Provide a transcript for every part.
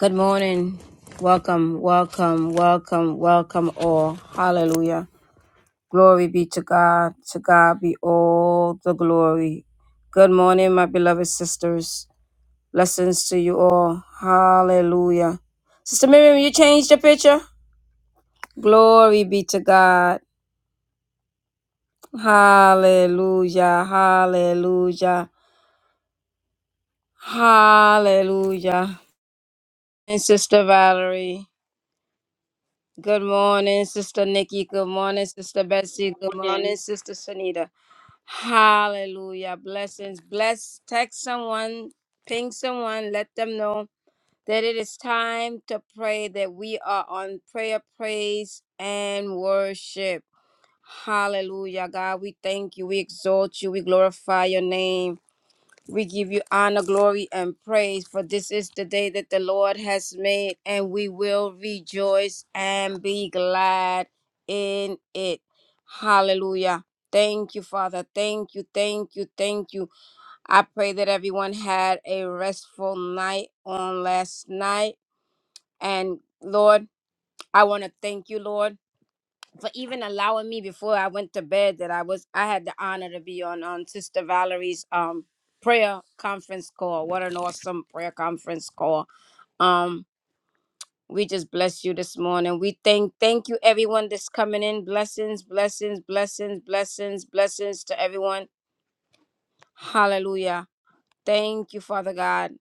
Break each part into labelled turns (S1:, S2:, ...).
S1: Good morning. Welcome, welcome, welcome, welcome all. Hallelujah. Glory be to God. To God be all the glory. Good morning, my beloved sisters. Blessings to you all. Hallelujah. Sister Miriam, you changed your picture? Glory be to God. Hallelujah. Hallelujah. Hallelujah. And Sister Valerie. Good morning, Sister Nikki. Good morning, Sister Betsy. Good morning, Sister Sunita. Hallelujah. Blessings. Bless. Text someone, ping someone, let them know that it is time to pray, that we are on prayer, praise, and worship. Hallelujah. God, we thank you. We exalt you. We glorify your name. We give you honor, glory, and praise, for this is the day that the Lord has made, and we will rejoice and be glad in it. Hallelujah. Thank you, Father. Thank you, thank you, thank you. I pray that everyone had a restful night on last night. And Lord, I want to thank you, Lord for even allowing me before I went to bed that I was I had the honor to be on on Sister Valerie's um prayer conference call. What an awesome prayer conference call. Um we just bless you this morning. We thank thank you everyone that's coming in. Blessings, blessings, blessings, blessings, blessings to everyone. Hallelujah. Thank you, Father God.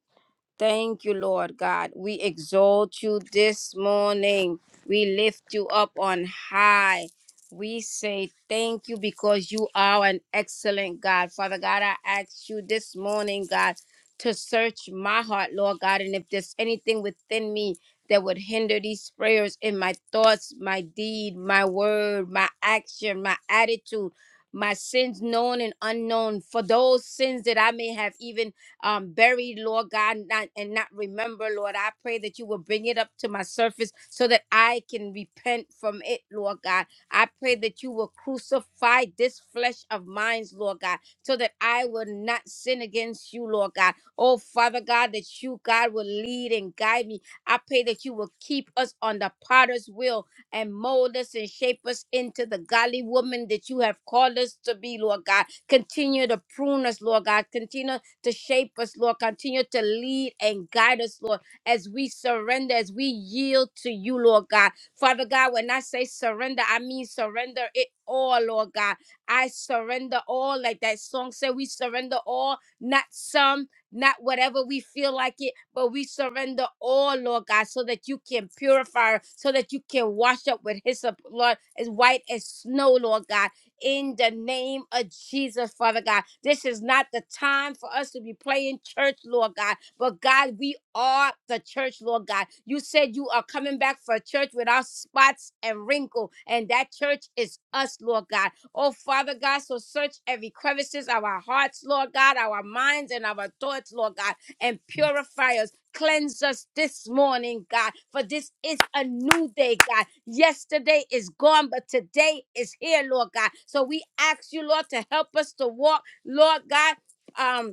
S1: Thank you, Lord God. We exalt you this morning. We lift you up on high. We say thank you because you are an excellent God. Father God, I ask you this morning, God, to search my heart, Lord God. And if there's anything within me that would hinder these prayers in my thoughts, my deed, my word, my action, my attitude, my sins known and unknown, for those sins that I may have even um, buried, Lord God, not, and not remember, Lord. I pray that you will bring it up to my surface so that I can repent from it, Lord God. I pray that you will crucify this flesh of mine, Lord God, so that I will not sin against you, Lord God. Oh, Father God, that you, God, will lead and guide me. I pray that you will keep us on the potter's wheel and mold us and shape us into the godly woman that you have called us to be, Lord God. Continue to prune us, Lord God. Continue to shape us, Lord. Continue to lead and guide us, Lord, as we surrender, as we yield to you, Lord God. Father God, when I say surrender, I mean surrender it all, Lord God. I surrender all, like that song said, we surrender all, not some, not whatever we feel like it, but we surrender all, Lord God, so that you can purify, so that you can wash up with hyssop, Lord, as white as snow, Lord God in the name of Jesus, Father God. This is not the time for us to be playing church, Lord God. But God, we are the church, Lord God. You said you are coming back for a church without spots and wrinkle, and that church is us, Lord God. Oh, Father God, so search every crevices of our hearts, Lord God, our minds and our thoughts, Lord God, and purify us. Cleanse us this morning, God, for this is a new day, God. Yesterday is gone, but today is here, Lord God. So we ask you, Lord, to help us to walk, Lord God. Um,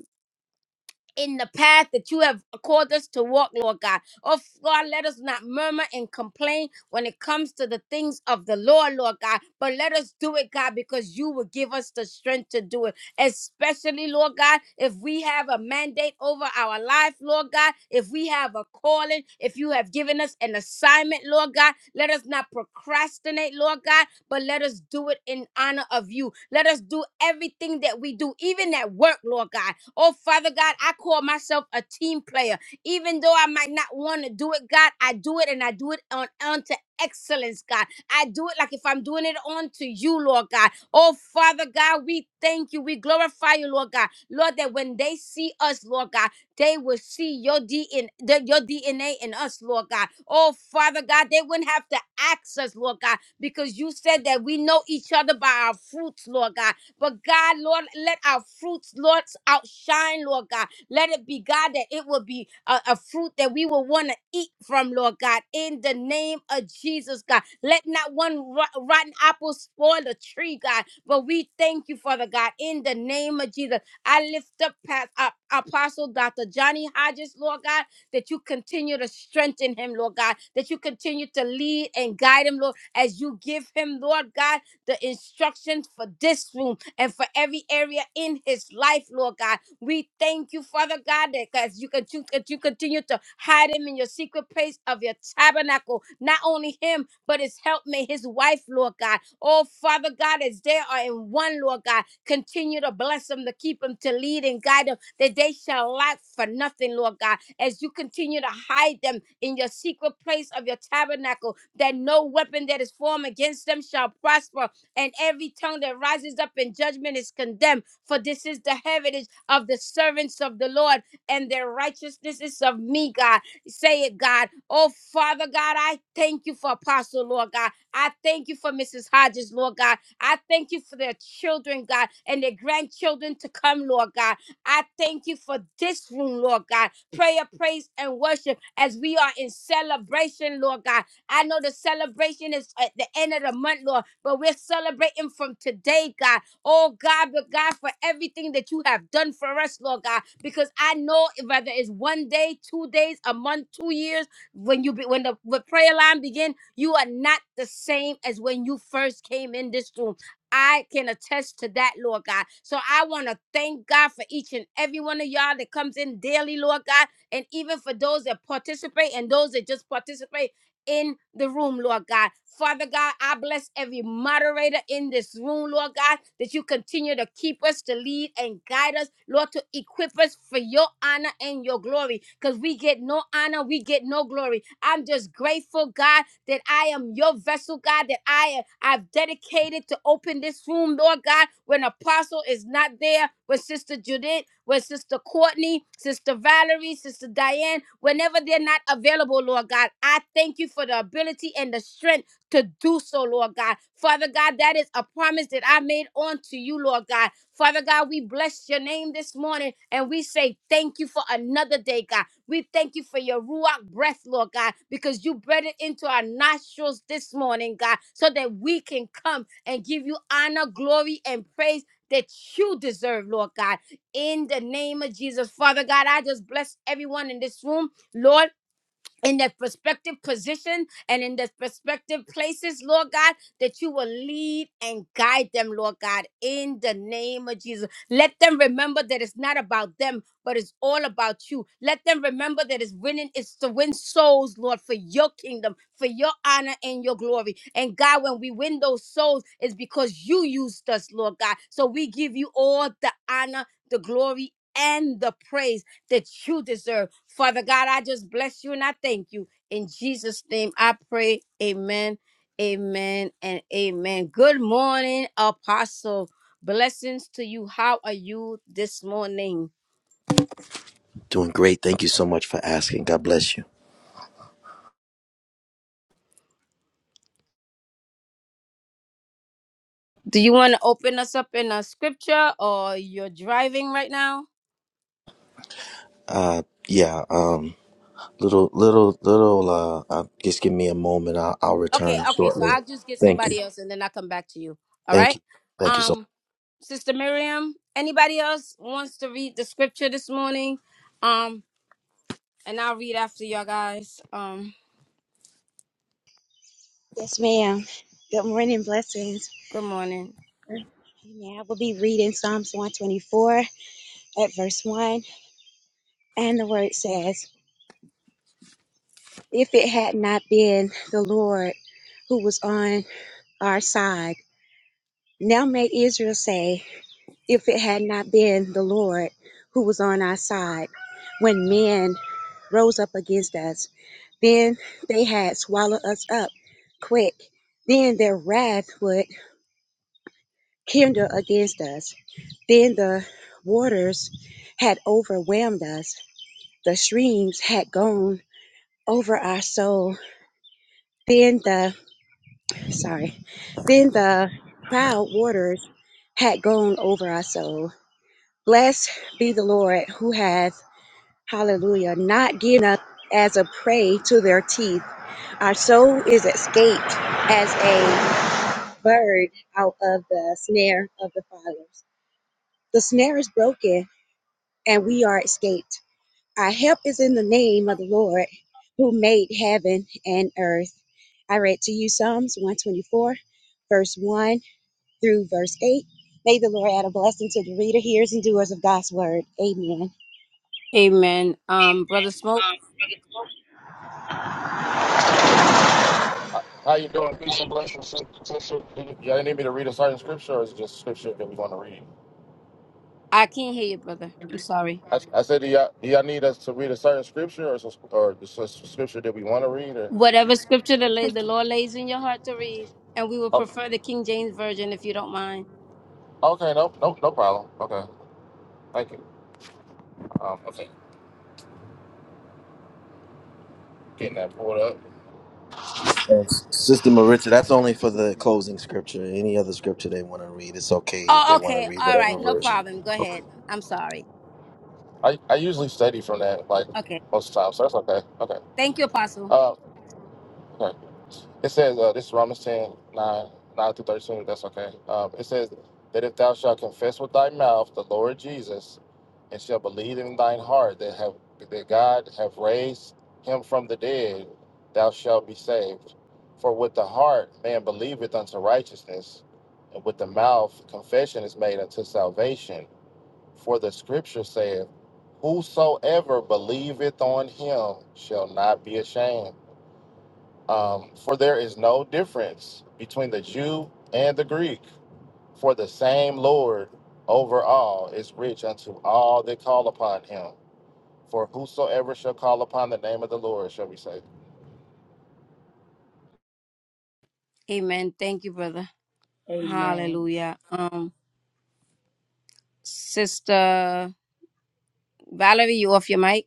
S1: in the path that you have called us to walk, Lord God. Oh, God, let us not murmur and complain when it comes to the things of the Lord, Lord God, but let us do it, God, because you will give us the strength to do it. Especially, Lord God, if we have a mandate over our life, Lord God, if we have a calling, if you have given us an assignment, Lord God, let us not procrastinate, Lord God, but let us do it in honor of you. Let us do everything that we do, even at work, Lord God. Oh, Father God, I call myself a team player. Even though I might not want to do it, God, I do it and I do it on unto excellence, God. I do it like if I'm doing it unto you, Lord God. Oh, Father God, we thank you. We glorify you, Lord God. Lord, that when they see us, Lord God, they will see your DNA, your DNA in us, Lord God. Oh, Father God, they wouldn't have to ask us, Lord God, because you said that we know each other by our fruits, Lord God. But God, Lord, let our fruits, Lord, outshine, Lord God. Let it be, God, that it will be a, a fruit that we will want to eat from, Lord God, in the name of Jesus, God. Let not one rot- rotten apple spoil the tree, God. But we thank you, Father God, in the name of Jesus. I lift up past, uh, Apostle Dr. Johnny Hodges, Lord God that you continue to strengthen him, Lord God, that you continue to lead and guide him, Lord, as you give him, Lord God, the instructions for this room and for every area in his life, Lord God. We thank you, Father God, that as you, con- you- that you continue to hide him in your secret place of your tabernacle, not only him, but his helpmate, his wife, Lord God. Oh, Father God, as they are in one, Lord God, continue to bless them, to keep them, to lead and guide them, that they shall lack for nothing, Lord God. As you continue to hide them in your secret place of your tabernacle, that no weapon that is formed against them shall prosper and every tongue that rises up in judgment is condemned. For this is the heritage of the servants of the Lord, and their righteousness is of me, God. Say it, God. Oh, Father God, I thank you for Apostle, Lord God. I thank you for Mrs. Hodges, Lord God. I thank you for their children, God, and their grandchildren to come, Lord God. I thank you for this room, Lord God. Prayer, praise, and worship as we are in celebration, Lord God. I know the celebration is at the end of the month, Lord, but we're celebrating from today, God. Oh, God, but God, for everything that you have done for us, Lord God, because I know whether it's one day, two days, a month, two years, when you be, when the when prayer line begin, you are not the same as when you first came in this room. I can attest to that, Lord God. So I want to thank God for each and every one of y'all that comes in daily, Lord God, and even for those that participate and those that just participate in the room, Lord God. Father God, I bless every moderator in this room, Lord God, that you continue to keep us, to lead and guide us, Lord, to equip us for your honor and your glory, because we get no honor, we get no glory. I'm just grateful, God, that I am your vessel, God, that I I've dedicated to open this room, Lord God, when apostle is not there, when sister Judith where Sister Courtney, Sister Valerie, Sister Diane, whenever they're not available, Lord God, I thank you for the ability and the strength to do so, Lord God. Father God, that is a promise that I made unto you, Lord God. Father God, we bless your name this morning and we say thank you for another day, God. We thank you for your Ruach breath, Lord God, because you breathed it into our nostrils this morning, God, so that we can come and give you honor, glory, and praise that you deserve, Lord God in the name of Jesus. Father God, I just bless everyone in this room. Lord, in their prospective position and in their prospective places, Lord God, that you will lead and guide them, Lord God, in the name of Jesus. Let them remember that it's not about them, but it's all about you. Let them remember that it's winning, it's to win souls, Lord, for your kingdom, for your honor and your glory. And God, when we win those souls, it's because you used us, Lord God. So we give you all the honor, the glory, and the praise that you deserve. Father God, I just bless you and I thank you. In Jesus' name I pray. Amen, amen, and amen. Good morning, Apostle. Blessings to you. How are you this morning?
S2: Doing great. Thank you so much for asking. God bless you.
S1: Do you want to open us up in a scripture or you're driving right now?
S2: Uh, yeah. Um, little, little, little. Uh, uh just give me a moment. I'll, I'll
S1: Okay,
S2: return
S1: okay. So
S2: shortly.
S1: I'll just get
S2: Thank you.
S1: somebody else and then I'll come back to you. All
S2: Thank
S1: right.
S2: you. Thank you so
S1: Um, Sister Miriam, anybody else wants to read the scripture this morning? Um. And I'll read after y'all guys. Um,
S3: Yes, ma'am. Good morning, blessings.
S1: good morning.
S3: Amen. I will be reading Psalms 124 at verse 1. And the word says, If it had not been the Lord who was on our side, now may Israel say, If it had not been the Lord who was on our side, when men rose up against us, then they had swallowed us up quick. Then their wrath would kindled against us. Then the waters had overwhelmed us. The streams had gone over our soul. Then the, sorry, then the proud waters had gone over our soul. Blessed be the Lord who hath, hallelujah, not given us as a prey to their teeth. Our soul is escaped as a bird out of the snare of the fowlers. The snare is broken and we are escaped. Our help is in the name of the Lord who made heaven and earth. I read to you Psalms 124, verse 1 through verse 8. May the Lord add a blessing to the reader, hearers, and doers of God's word. Amen.
S1: Amen. Um, brother Smoke,
S4: How you doing? Peace and blessings. Sis- sister. Do Y'all need me to read a certain scripture, or is it just scripture that we're going to read?
S1: I can't hear you, brother. I'm sorry.
S4: I, I said, do y'all, do y'all need us to read a certain scripture, or, is it- or just a scripture that we want to read? Or
S1: Whatever scripture the, la- the Lord lays in your heart to read, and we would
S4: oh,
S1: prefer the King James version if you don't mind.
S4: okay, no, no, no problem. Okay, thank you. Um, okay, getting that pulled up.
S2: much, And Sister Maritza. That's only for the closing scripture. Any other scripture they want to read, it's okay if
S1: Oh,
S2: they want to
S1: okay.
S2: read
S1: All right.
S2: whatever
S1: No
S2: version.
S1: problem. Go
S2: Okay.
S1: ahead. I'm sorry.
S4: I, I usually study from that like
S1: Okay.
S4: most of the time, so that's okay. Okay.
S1: Thank you, Apostle.
S4: Uh, okay. It says uh, this is Romans 10 9, 9 through thirteen. That's okay. Um, it says that if thou shalt confess with thy mouth the Lord Jesus and shall believe in thine heart that have that God have raised him from the dead, thou shalt be saved. For with the heart man believeth unto righteousness, and with the mouth confession is made unto salvation. For the scripture saith, Whosoever believeth on him shall not be ashamed. Um, for there is no difference between the Jew and the Greek, for the same Lord over all is rich unto all that call upon him. For whosoever shall call upon the name of the Lord shall be saved.
S1: Amen. Thank you, brother. Hallelujah. Um, sister Valerie, you off your mic?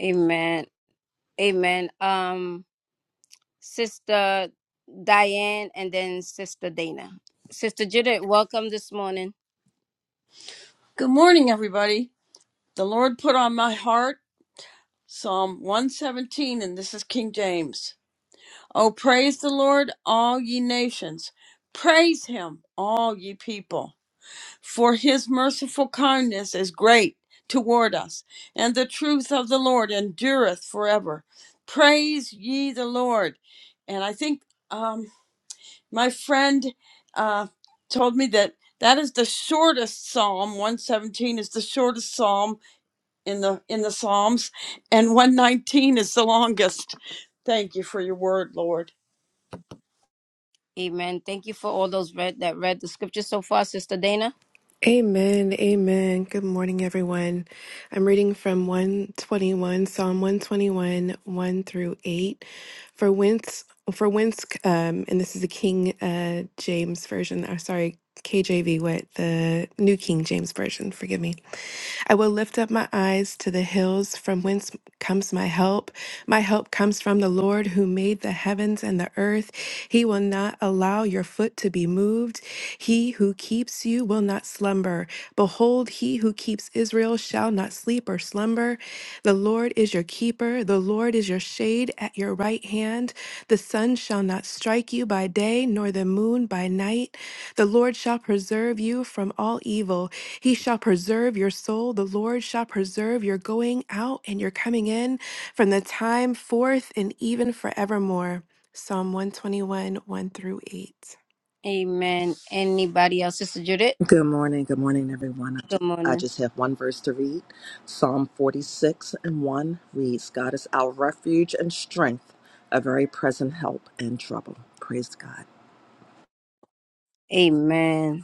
S1: Amen. Amen. Um. Sister Diane, and then Sister Dana. Sister Judith, welcome this morning.
S5: Good morning, everybody. The Lord put on my heart Psalm 117, and this is King James. Oh, praise the Lord, all ye nations. Praise him, all ye people. For his merciful kindness is great toward us, and the truth of the Lord endureth forever. Praise ye the Lord. And I think um, my friend uh, told me that that is the shortest psalm. 117 is the shortest psalm in the in the Psalms, and 119 is the longest. Thank you for your word, Lord.
S1: Amen. Thank you for all those read that read the scripture so far, Sister Dana.
S6: Amen. Amen. Good morning, everyone. I'm reading from 121, Psalm 121, 1 through 8. For whence, for whence, um, and this is the King uh, James Version, or sorry, KJV, what? The New King James Version, forgive me. I will lift up my eyes to the hills from whence comes my help. My help comes from the Lord who made the heavens and the earth. He will not allow your foot to be moved. He who keeps you will not slumber. Behold, he who keeps Israel shall not sleep or slumber. The Lord is your keeper. The Lord is your shade at your right hand. The sun shall not strike you by day, nor the moon by night. The Lord shall preserve you from all evil. He shall preserve your soul. The Lord shall preserve your going out and your coming in from the time forth and even forevermore. Psalm 121, 1 through 8.
S1: Amen. Anybody else? Sister Judith,
S7: Good morning. Good morning, everyone. I just,
S1: good
S7: I
S1: morning.
S7: just have one verse to read. Psalm 46 and 1 reads, God is our refuge and strength, a very present help in trouble. Praise God.
S1: Amen.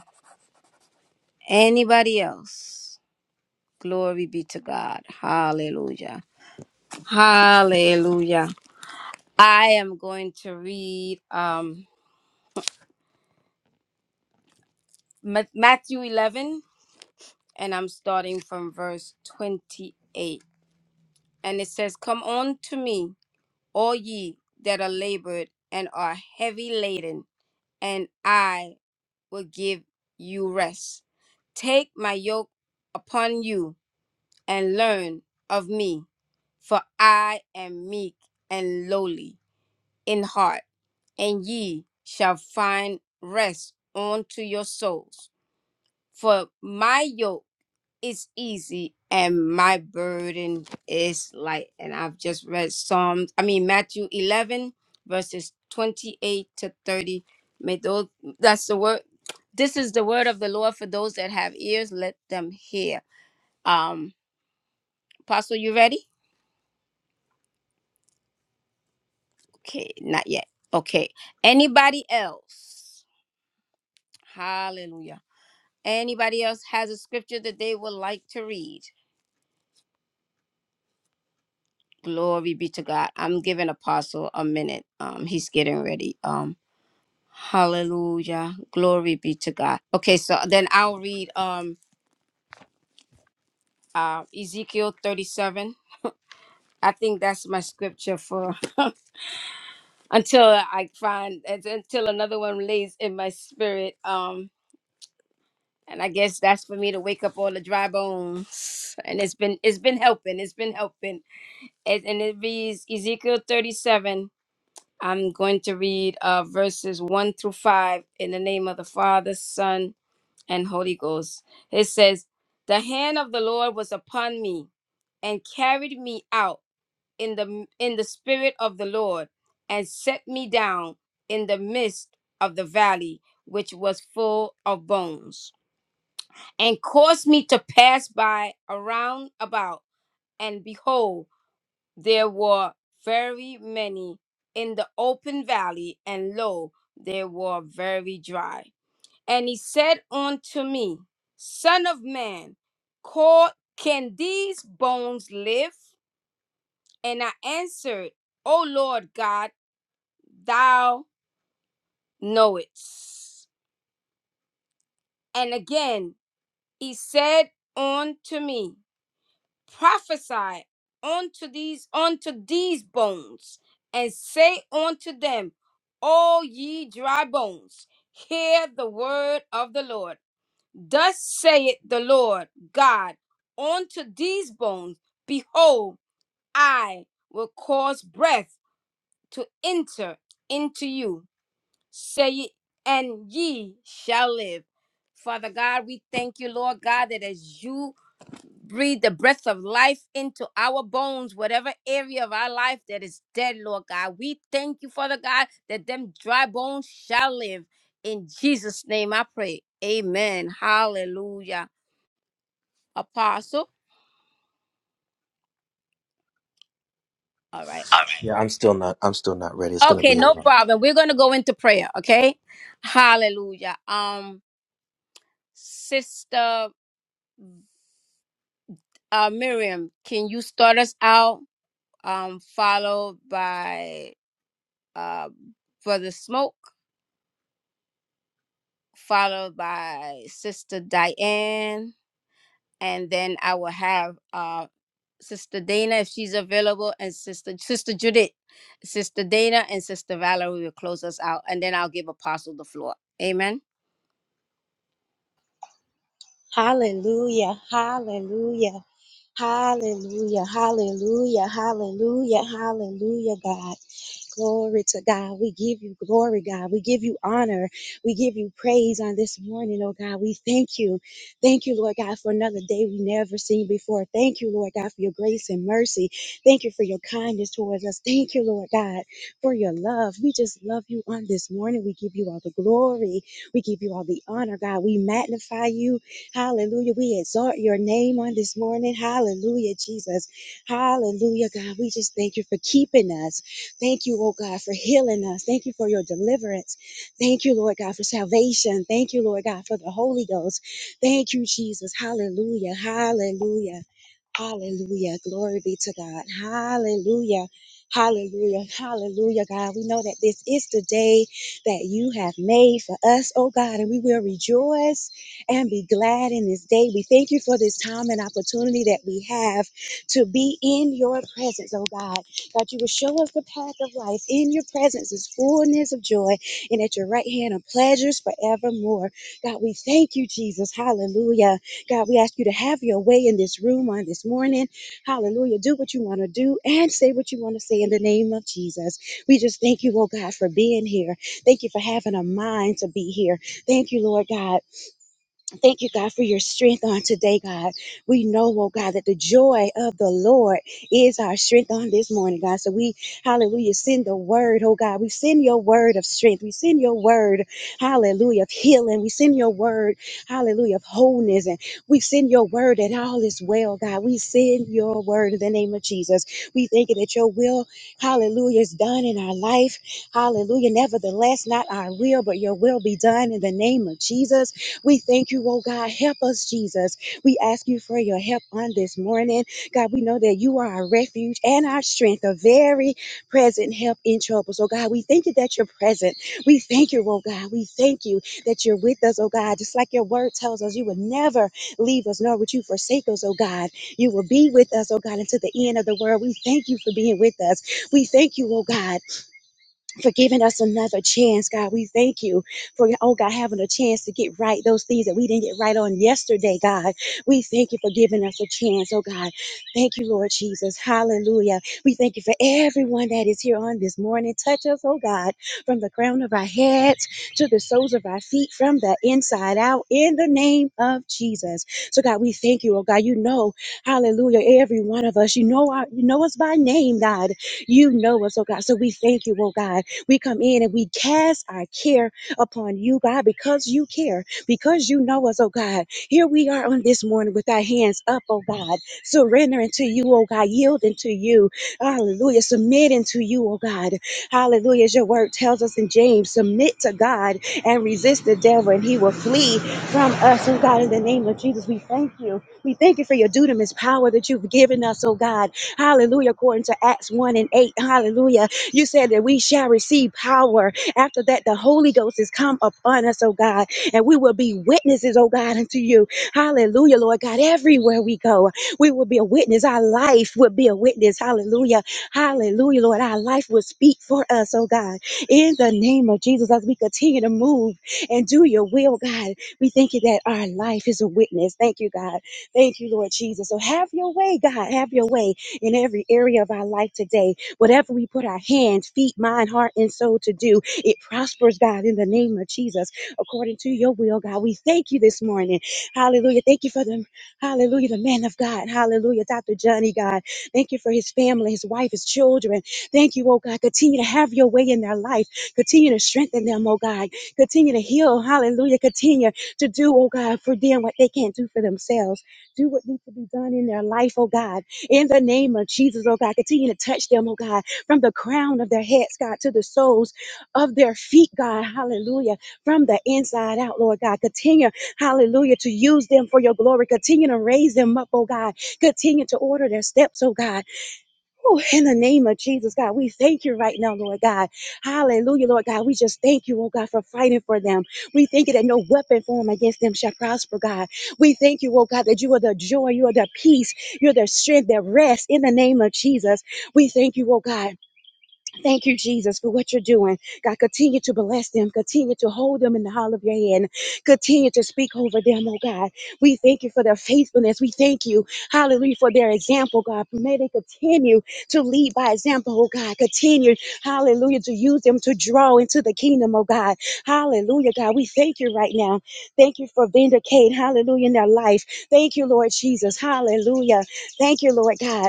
S1: Anybody else? Glory be to God. Hallelujah. Hallelujah. I am going to read um Ma- Matthew 11 and I'm starting from verse 28. And it says, Come on to me, all ye that are labored and are heavy laden, and I will give you rest. Take my yoke upon you and learn of me, for I am meek and lowly in heart, and ye shall find rest unto your souls. For my yoke is easy and my burden is light. And I've just read Psalms, I mean, Matthew 11, verses 28 to 30. May those, that's the word. This is the word of the Lord for those that have ears, let them hear. Um, Apostle, you ready? Okay, not yet. Okay. Anybody else? Hallelujah. Anybody else has a scripture that they would like to read? Glory be to God. I'm giving Apostle a minute. Um, he's getting ready. Um. Hallelujah. Glory be to God. Okay, so then I'll read um uh Ezekiel 37. I think that's my scripture for until I find until another one lays in my spirit. Um and I guess that's for me to wake up all the dry bones. And it's been it's been helping. It's been helping. it and it reads Ezekiel 37. I'm going to read uh verses 1 through 5 in the name of the Father, Son, and Holy Ghost. It says, "The hand of the Lord was upon me, and carried me out in the in the spirit of the Lord, and set me down in the midst of the valley, which was full of bones, and caused me to pass by around about, and behold, there were very many in the open valley, and lo, they were very dry." And he said unto me, Son of man, call, can these bones live? And I answered, O Lord God, thou knowest. And again he said unto me, Prophesy unto these unto these bones, and say unto them, O ye dry bones, hear the word of the Lord. Thus saith the Lord God unto these bones, Behold, I will cause breath to enter into you, say it, and ye shall live. Father God, we thank you, Lord God, that as you breathe the breath of life into our bones, whatever area of our life that is dead, Lord God, we thank you, Father God, that them dry bones shall live. In Jesus' name I pray. Amen. Hallelujah. Apostle. All right.
S2: Yeah, I'm still not. I'm still not ready. It's gonna
S1: Okay,
S2: be a
S1: no
S2: while.
S1: problem. We're gonna go into prayer. Okay. Hallelujah. Um, Sister uh, Miriam, can you start us out? Um, followed by uh, Brother Smoke, followed by Sister Diane, and then I will have uh, Sister Dana if she's available, and Sister Sister Judith, Sister Dana, and Sister Valerie will close us out, and then I'll give Apostle the floor. Amen.
S3: Hallelujah, hallelujah, hallelujah, hallelujah, hallelujah, hallelujah, God. Glory to God. We give you glory, God. We give you honor. We give you praise on this morning, oh God. We thank you. Thank you, Lord God, for another day we never seen before. Thank you, Lord God, for your grace and mercy. Thank you for your kindness towards us. Thank you, Lord God, for your love. We just love you on this morning. We give you all the glory. We give you all the honor, God. We magnify you. Hallelujah. We exalt your name on this morning. Hallelujah, Jesus. Hallelujah, God. We just thank you for keeping us. Thank you, oh God, for healing us. Thank you for your deliverance. Thank you, Lord God, for salvation. Thank you, Lord God, for the Holy Ghost. Thank you, Jesus. Hallelujah. Hallelujah. Hallelujah. Glory be to God. Hallelujah. Hallelujah. Hallelujah, God. We know that this is the day that you have made for us, oh God, and we will rejoice and be glad in this day. We thank you for this time and opportunity that we have to be in your presence, oh God. God, you will show us the path of life. In your presence is fullness of joy, and at your right hand are pleasures forevermore. God, we thank you, Jesus. Hallelujah. God, we ask you to have your way in this room on this morning. Hallelujah. Do what you want to do and say what you want to say in the name of Jesus. We just thank you, oh God, for being here. Thank you for having a mind to be here. Thank you, Lord God Thank you, God, for your strength on today, God. We know, oh God, that the joy of the Lord is our strength on this morning, God. So we, hallelujah, send the word, oh God. We send your word of strength. We send your word, hallelujah, of healing. We send your word, hallelujah, of wholeness. And we send your word that all is well, God. We send your word in the name of Jesus. We thank you that your will, hallelujah, is done in our life. Hallelujah. Nevertheless, not our will, but your will be done in the name of Jesus. We thank you, oh God. Help us, Jesus. We ask you for your help on this morning. God, we know that you are our refuge and our strength, a very present help in trouble. So, God, we thank you that you're present. We thank you, oh God. We thank you that you're with us, oh God. Just like your word tells us, you will never leave us, nor would you forsake us, oh God. You will be with us, oh God, until the end of the world. We thank you for being with us. We thank you, oh God for giving us another chance, God. We thank you for, oh God, having a chance to get right those things that we didn't get right on yesterday, God. We thank you for giving us a chance, oh God. Thank you, Lord Jesus. Hallelujah. We thank you for everyone that is here on this morning. Touch us, oh God, from the crown of our heads to the soles of our feet, from the inside out, in the name of Jesus. So, God, we thank you, oh God. You know, hallelujah, every one of us. You know, our, you know us by name, God. You know us, oh God. So we thank you, oh God. We come in and we cast our care upon you, God, because you care, because you know us, oh God. Here we are on this morning with our hands up, oh God, surrendering to you, oh God, yielding to you. Hallelujah. Submitting to you, oh God. Hallelujah. As your word tells us in James, submit to God and resist the devil, and he will flee from us, oh God, in the name of Jesus. We thank you. We thank you for your dunamis power that you've given us, oh God. Hallelujah. According to Acts 1 and 8. Hallelujah. You said that we shall receive power. After that, the Holy Ghost has come upon us, oh God, and we will be witnesses, oh God, unto you. Hallelujah, Lord God. Everywhere we go, we will be a witness. Our life will be a witness. Hallelujah. Hallelujah, Lord. Our life will speak for us, oh God. In the name of Jesus, as we continue to move and do your will, God, we thank you that our life is a witness. Thank you, God. Thank you, Lord Jesus. So have your way, God. Have your way in every area of our life today. Whatever we put our hands, feet, mind, heart, and soul to do, it prospers, God, in the name of Jesus, according to your will, God. We thank you this morning. Hallelujah. Thank you for them. Hallelujah. The man of God. Hallelujah. Dr. Johnny, God. Thank you for his family, his wife, his children. Thank you, oh God. Continue to have your way in their life. Continue to strengthen them, oh God. Continue to heal. Hallelujah. Continue to do, oh God, for them what they can't do for themselves. Do what needs to be done in their life, oh God in the name of Jesus, oh God. Continue to touch them, oh God, from the crown of their heads, God, to the soles of their feet, God. Hallelujah. From the inside out, Lord God. Continue, hallelujah, to use them for your glory. Continue to raise them up, oh God. Continue to order their steps, oh God. Oh, in the name of Jesus, God, we thank you right now, Lord God. Hallelujah, Lord God. We just thank you, oh God, for fighting for them. We thank you that no weapon formed against them shall prosper, God. We thank you, oh God, that you are the joy, you are the peace, you're the strength, the rest in the name of Jesus. We thank you, oh God. Thank you, Jesus, for what you're doing. God, continue to bless them. Continue to hold them in the hall of your hand. Continue to speak over them, oh God. We thank you for their faithfulness. We thank you, hallelujah, for their example, God. May they continue to lead by example, oh God. Continue, hallelujah, to use them to draw into the kingdom, oh God. Hallelujah, God. We thank you right now. Thank you for vindicating, hallelujah, in their life. Thank you, Lord Jesus. Hallelujah. Thank you, Lord God.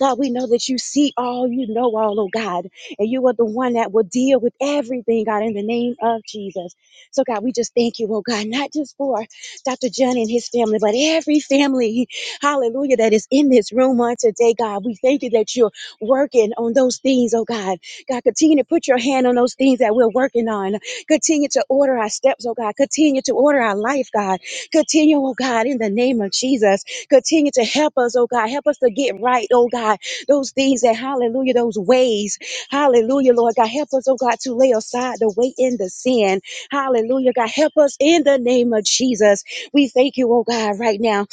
S3: God, we know that you see all, you know all, oh God, and you are the one that will deal with everything, God, in the name of Jesus. So, God, we just thank you, oh God, not just for Dr. John and his family, but every family, hallelujah, that is in this room on today, God. We thank you that you're working on those things, oh God. God, continue to put your hand on those things that we're working on. Continue to order our steps, oh God. Continue to order our life, God. Continue, oh God, in the name of Jesus. Continue to help us, oh God. Help us to get right, oh God. Those things that, hallelujah, those ways, hallelujah, Lord God. Help us, oh God, to lay aside the weight and the sin. Hallelujah, God. Help us in the name of Jesus. We thank you, oh God, right now.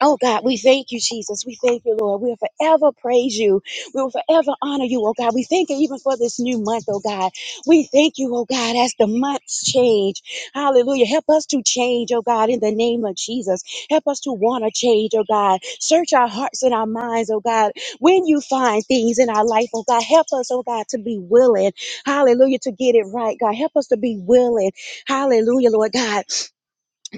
S3: Oh God, we thank you, Jesus. We thank you, Lord. We'll forever praise you. We'll forever honor you, oh God. We thank you even for this new month, oh God. We thank you, oh God, as the months change. Hallelujah. Help us to change, oh God, in the name of Jesus. Help us to want to change, oh God. Search our hearts and our minds, oh God. When you find things in our life, oh God, help us, oh God, to be willing. Hallelujah, to get it right, God. Help us to be willing. Hallelujah, Lord God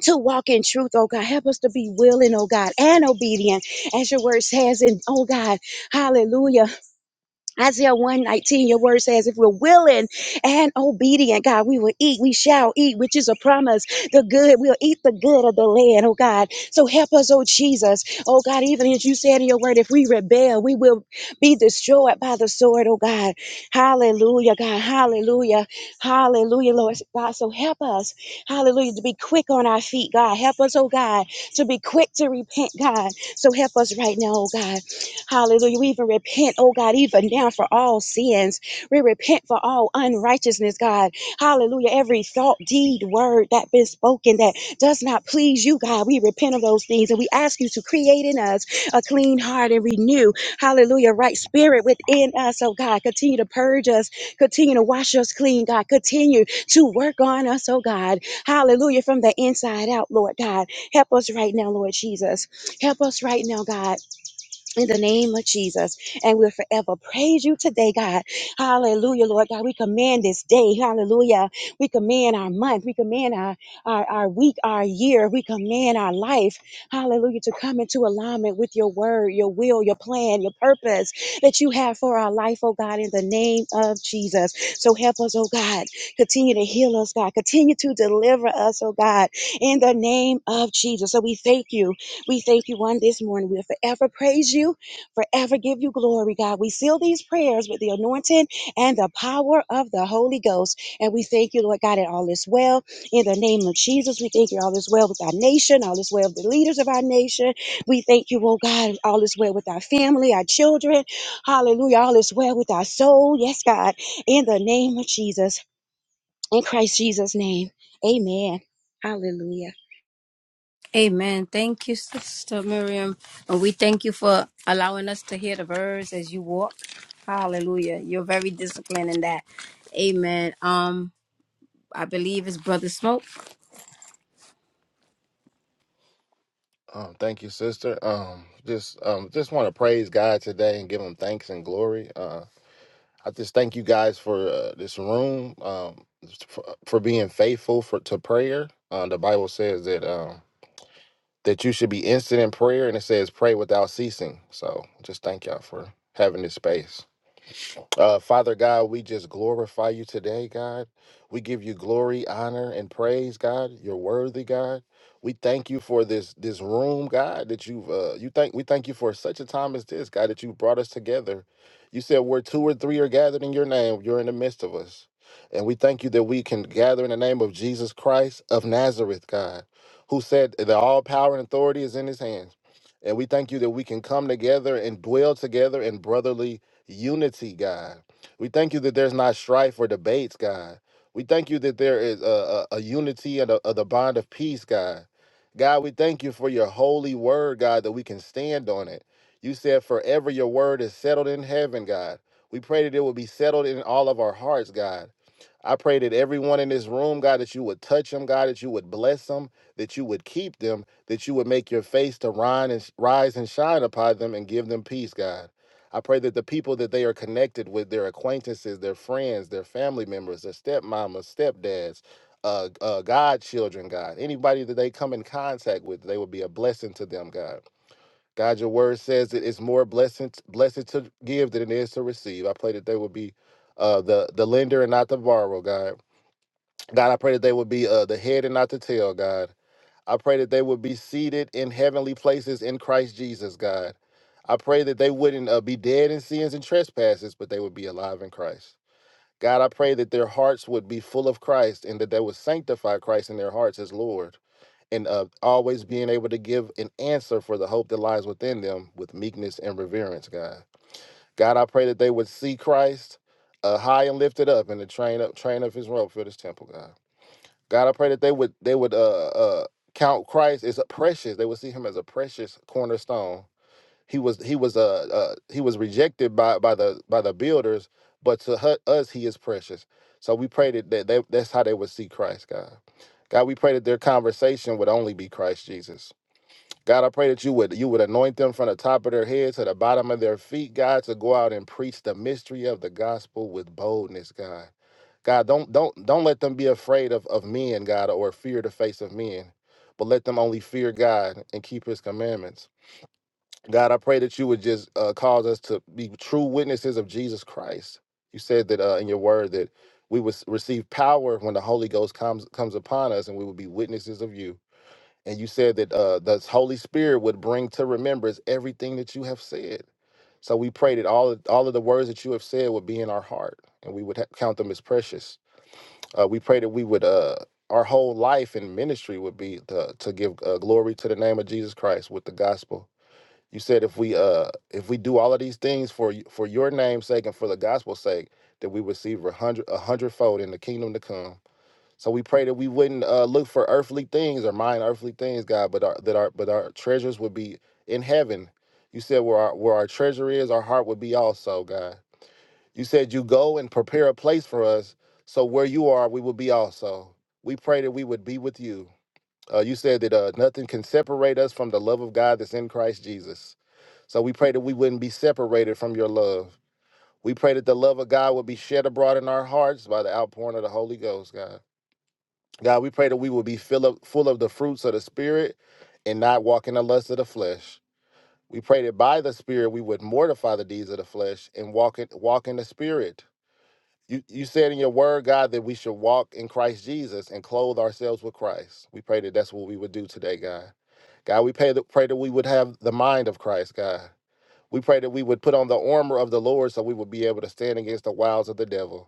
S3: to walk in truth, oh God. Help us to be willing, oh God, and obedient, as your word says, and oh God, hallelujah. Isaiah 119, your word says, if we're willing and obedient, God, we will eat, we shall eat, which is a promise. The good, we'll eat the good of the land, oh God. So help us, oh Jesus. Oh God, even as you said in your word, if we rebel, we will be destroyed by the sword, oh God. Hallelujah, God. Hallelujah. Hallelujah, Lord God. So help us, hallelujah, to be quick on our feet, God. Help us, oh God, to be quick to repent, God. So help us right now, oh God. Hallelujah. We even repent, oh God, even now for all sins. We repent for all unrighteousness, God. Hallelujah. Every thought, deed, word that been spoken that does not please you, God. We repent of those things and we ask you to create in us a clean heart and renew, hallelujah, right spirit within us, oh God. Continue to purge us, continue to wash us clean, God. Continue to work on us, oh God. Hallelujah, from the inside out, Lord God. Help us right now, Lord Jesus. Help us right now, God in the name of Jesus. And we'll forever praise you today, God. Hallelujah, Lord God. We command this day. Hallelujah. We command our month. We command our, our, our week, our year. We command our life. Hallelujah. To come into alignment with your word, your will, your plan, your purpose that you have for our life, oh God, in the name of Jesus. So help us, oh God. Continue to heal us, God. Continue to deliver us, oh God, in the name of Jesus. So we thank you. We thank you one this morning. We'll forever praise you, forever give you glory, God. We seal these prayers with the anointing and the power of the Holy Ghost. And we thank you, Lord God, that all is well. In the name of Jesus, we thank you all is well with our nation, all is well with the leaders of our nation. We thank you, oh God, all is well with our family, our children. Hallelujah. All is well with our soul. Yes, God. In the name of Jesus, in Christ Jesus' name. Amen. Hallelujah.
S1: Amen. Thank you, Sister Miriam. And we thank you for allowing us to hear the words as you walk. Hallelujah. You're very disciplined in that. Amen. Um, I believe it's Brother Smoke.
S4: Um, thank you, sister. Um, just um, just want to praise God today and give Him thanks and glory. Uh, I just thank you guys for uh, this room, um, for, for being faithful for to prayer. Uh, the Bible says that um, that you should be instant in prayer, and it says pray without ceasing. So, just thank y'all for having this space. Uh, Father God, we just glorify you today, God. We give you glory, honor, and praise, God. You're worthy, God. We thank you for this this room, God, that you've uh, you thank we thank you for such a time as this, God, that you brought us together. You said where two or three are gathered in your name, you're in the midst of us. And we thank you that we can gather in the name of Jesus Christ of Nazareth, God, who said that all power and authority is in his hands. And we thank you that we can come together and dwell together in brotherly unity, God. We thank you that there's not strife or debates, God. We thank you that there is a, a, a unity and a, of the bond of peace, God. God, we thank you for your holy word, God, that we can stand on it. You said, forever your word is settled in heaven, God. We pray that it will be settled in all of our hearts, God. I pray that everyone in this room, God, that you would touch them, God, that you would bless them, that you would keep them, that you would make your face to rise and, rise and shine upon them and give them peace, God. I pray that the people that they are connected with, their acquaintances, their friends, their family members, their stepmamas, stepdads, uh, uh, godchildren, God, anybody that they come in contact with, they would be a blessing to them, God. God, your word says it is more blessing, blessed to give than it is to receive. I pray that they would be uh, the, the lender and not the borrower, God. God, I pray that they would be uh, the head and not the tail, God. I pray that they would be seated in heavenly places in Christ Jesus, God. I pray that they wouldn't uh, be dead in sins and trespasses, but they would be alive in Christ. God, I pray that their hearts would be full of Christ and that they would sanctify Christ in their hearts as Lord and uh, always being able to give an answer for the hope that lies within them with meekness and reverence, God. God, I pray that they would see Christ uh, high and lifted up in the train up train of his robe for this temple, God. God, I pray that they would they would uh uh count Christ as a precious. They would see him as a precious cornerstone. He was he was uh, uh he was rejected by by the by the builders, but to hu- us he is precious. So we pray that that they, that's how they would see Christ, God. God, we pray that their conversation would only be Christ Jesus. God, I pray that you would you would anoint them from the top of their head to the bottom of their feet, God, to go out and preach the mystery of the gospel with boldness, God. God, don't don't don't let them be afraid of, of men, God, or fear the face of men, but let them only fear God and keep his commandments. God, I pray that you would just uh, cause us to be true witnesses of Jesus Christ. You said that uh, in your word that we would s- receive power when the Holy Ghost comes comes upon us and we would be witnesses of you. And you said that uh, the Holy Spirit would bring to remembrance everything that you have said. So we pray that all of, all of the words that you have said would be in our heart and we would ha- count them as precious. Uh, we pray that we would uh, our whole life in ministry would be to, to give uh, glory to the name of Jesus Christ with the gospel. You said if we uh, if we do all of these things for y- for your name's sake and for the gospel's sake, that we receive a hundred a hundredfold in the kingdom to come. So we pray that we wouldn't uh, look for earthly things or mind earthly things, God, but our, that our but our treasures would be in heaven. You said where our where our treasure is, our heart would be also, God. You said you go and prepare a place for us, so where you are, we will be also. We pray that we would be with you. Uh, you said that uh, nothing can separate us from the love of God that's in Christ Jesus. So we pray that we wouldn't be separated from your love. We pray that the love of God would be shed abroad in our hearts by the outpouring of the Holy Ghost, God. God, we pray that we will be fill up, full of the fruits of the Spirit and not walk in the lust of the flesh. We pray that by the Spirit we would mortify the deeds of the flesh and walk in, walk in the Spirit you, you said in your word, God, that we should walk in Christ Jesus and clothe ourselves with Christ. We pray that that's what we would do today, God. God, we pray that, pray that we would have the mind of Christ, God. We pray that we would put on the armor of the Lord so we would be able to stand against the wiles of the devil.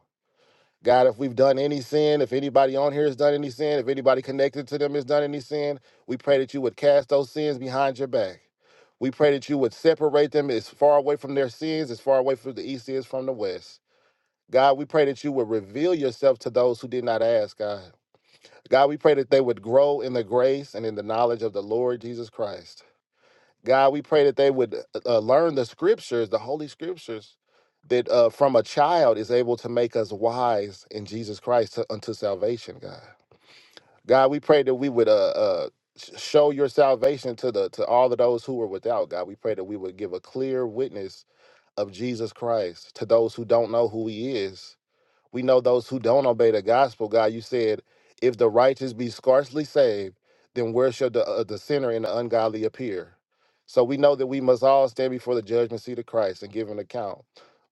S4: God, if we've done any sin, if anybody on here has done any sin, if anybody connected to them has done any sin, we pray that you would cast those sins behind your back. We pray that you would separate them as far away from their sins, as far away from the east is from the west. God, we pray that you would reveal yourself to those who did not ask, God. God, we pray that they would grow in the grace and in the knowledge of the Lord Jesus Christ. God, we pray that they would uh, uh, learn the scriptures, the holy scriptures, that uh, from a child is able to make us wise in Jesus Christ to, unto salvation, God. God, we pray that we would uh, uh, sh- show your salvation to the to all of those who are without, God. We pray that we would give a clear witness of Jesus Christ to those who don't know who he is we know those who don't obey the gospel, God, you said, if the righteous be scarcely saved, then where shall the, uh, the sinner and the ungodly appear? So we know that we must all stand before the judgment seat of Christ and give an account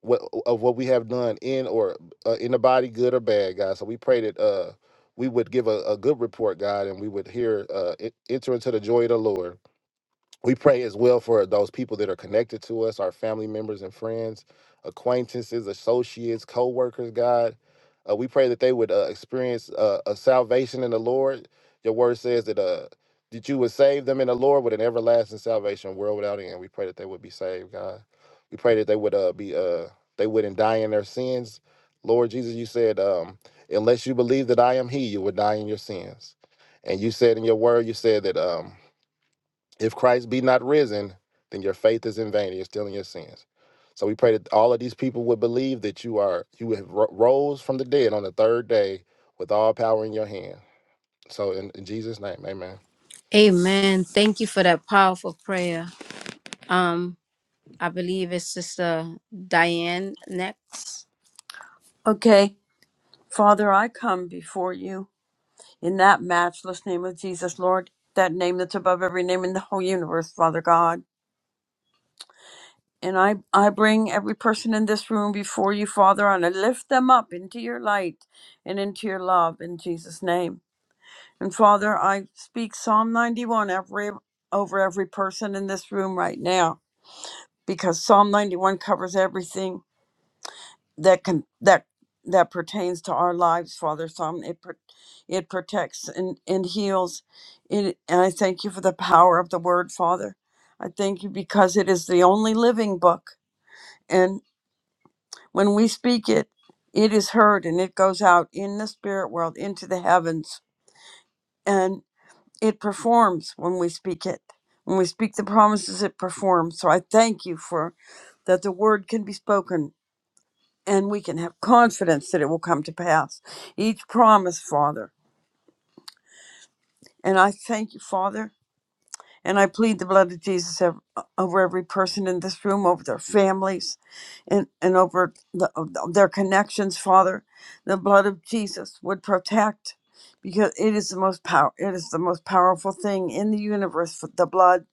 S4: what, of what we have done in or uh, in the body, good or bad, God. So we pray that uh, we would give a, a good report, God, and we would hear uh, en- enter into the joy of the Lord. We pray as well for those people that are connected to us, our family members and friends, acquaintances, associates, co workers, God. Uh, we pray that they would uh, experience uh, a salvation in the Lord. Your word says that, uh, that you would save them in the Lord with an everlasting salvation, world without end. We pray that they would be saved, God. We pray that they would uh, be uh, they wouldn't die in their sins. Lord Jesus, you said, um, unless you believe that I am He, you would die in your sins. And you said in your word, you said that. Um, if Christ be not risen, then your faith is in vain. You're still in your sins. So we pray that all of these people would believe that you are you have ro- rose from the dead on the third day with all power in your hand. So in, in Jesus' name, Amen.
S1: Amen. Thank you for that powerful prayer. Um, I believe it's Sister Diane next.
S5: Okay, Father, I come before you in that matchless name of Jesus, Lord, that name that's above every name in the whole universe, Father God. And I, I bring every person in this room before you, Father, and I lift them up into your light and into your love in Jesus' name. And Father, I speak Psalm 91 every, over every person in this room right now. because Psalm 91 covers everything that can that that pertains to our lives, Father. Psalm it pro- it protects and and heals. It, and I thank you for the power of the Word, Father. I thank you because it is the only living book, and when we speak it, it is heard and it goes out in the spirit world into the heavens, and it performs when we speak it. When we speak the promises, it performs. So I thank you for that the word can be spoken and we can have confidence that it will come to pass. Each promise, Father. And I thank you, Father. And I plead the blood of Jesus ev- over every person in this room, over their families, and, and over the, their connections, Father. The blood of Jesus would protect because it is the most power it is the most powerful thing in the universe for the blood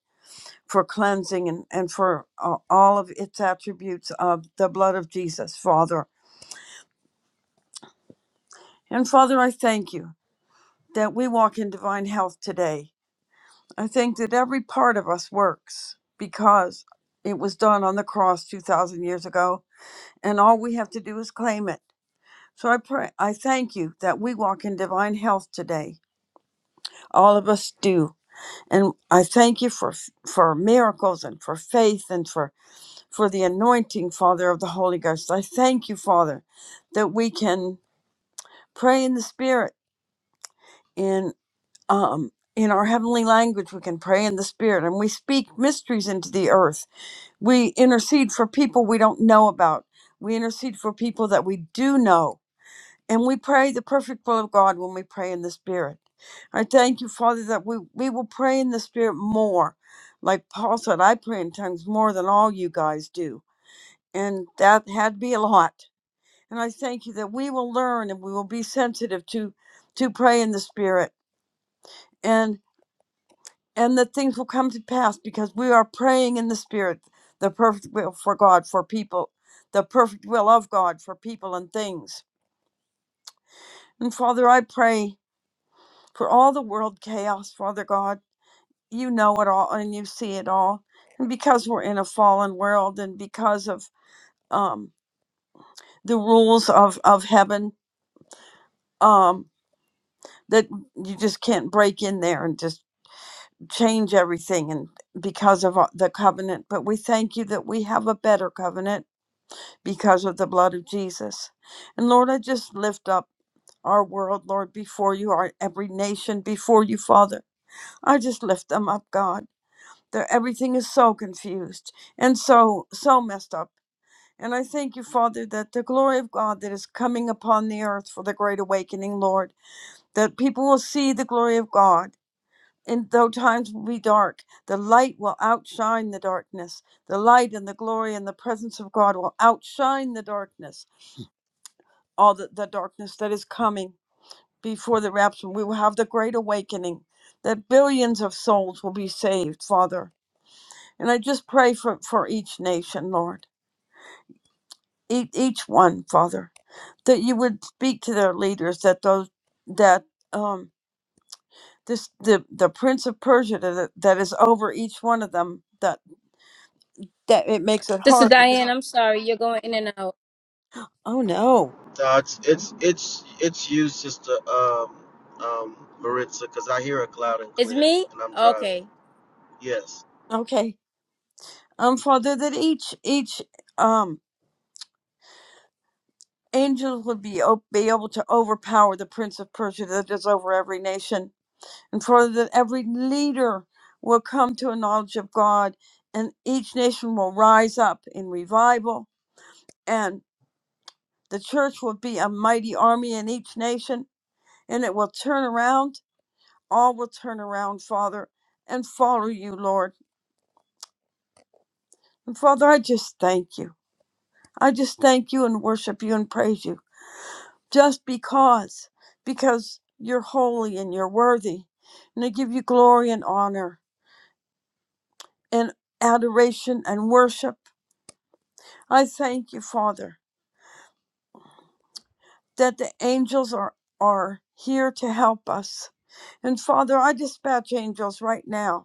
S5: for cleansing and, and for uh, all of its attributes of the blood of Jesus, Father. And Father, I thank you. that we walk in divine health today. I think that every part of us works because it was done on the cross 2000 years ago and all we have to do is claim it. So I pray I thank you that we walk in divine health today. All of us do. And I thank you for for miracles and for faith and for for the anointing Father of the Holy Ghost. I thank you Father that we can pray in the spirit In um, in our heavenly language. We can pray in the spirit and we speak mysteries into the earth. We intercede for people we don't know about. We intercede for people that we do know. And we pray the perfect will of God when we pray in the spirit. I thank you, Father, that we, we will pray in the spirit more. Like Paul said, I pray in tongues more than all you guys do. And that had to be a lot. And I thank you that we will learn and we will be sensitive to to pray in the spirit and. and that things will come to pass because we are praying in the spirit the perfect will for god for people the perfect will of god for people and things and father i pray for all the world chaos father god you know it all and you see it all and because we're in a fallen world and because of um, the rules of of heaven um, that you just can't break in there and just change everything and because of uh, the covenant but we thank you that we have a better covenant because of the blood of Jesus. And Lord, I just lift up our world, Lord, before you, our every nation before you, Father. I just lift them up, God. They're, everything is so confused and so, so messed up. And I thank you, Father, that the glory of God that is coming upon the earth for the great awakening, Lord, that people will see the glory of God. And though times will be dark, the light will outshine the darkness. The light and the glory and the presence of God will outshine the darkness all the, the darkness that is coming before the rapture. We will have the great awakening that billions of souls will be saved, Father. And I just pray for, for each nation, Lord, each, each one, Father, that you would speak to their leaders, that those that um this the, the prince of Persia that, that is over each one of them, that that it makes it
S1: Sister
S5: hard.
S1: Diane, I'm sorry, you're going in and out.
S5: Oh no.
S2: No, it's it's it's it's you, Sister um, um, Maritza, because I hear it loud and
S1: It's
S2: clear,
S1: me?
S2: and I'm driving.
S1: Okay.
S2: Yes.
S5: Okay. Um, Father, that each each um angels would be, o- be able to overpower the prince of Persia that is over every nation, and for that every leader will come to a knowledge of God, and each nation will rise up in revival, and the church will be a mighty army in each nation, and it will turn around. All will turn around, Father, and follow you, Lord. And Father, I just thank you. I just thank you and worship you and praise you just because, because you're holy and you're worthy. And I give you glory and honor and adoration and worship. I thank you, Father, that the angels are, are here to help us. And Father, I dispatch angels right now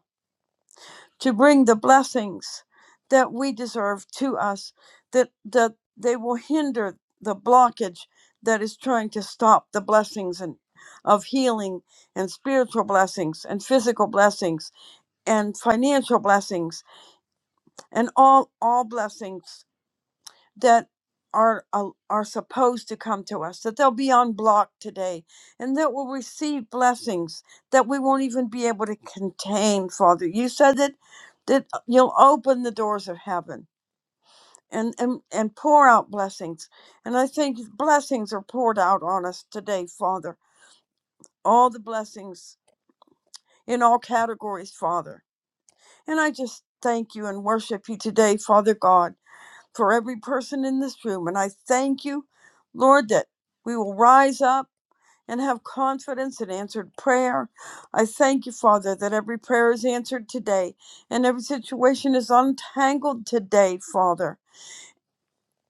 S5: to bring the blessings that we deserve to us that that they will hinder the blockage that is trying to stop the blessings and of healing and spiritual blessings and physical blessings and financial blessings and all all blessings that are al- are supposed to come to us that they'll be unblocked today and that we'll receive blessings that we won't even be able to contain father you said that that uh, you'll open the doors of heaven and and, and pour out blessings and i think blessings are poured out on us today father all the blessings in all categories father and i just thank you and worship you today father god for every person in this room. And I thank you, Lord, that we will rise up and have confidence in answered prayer. I thank you, Father, that every prayer is answered today and every situation is untangled today, Father,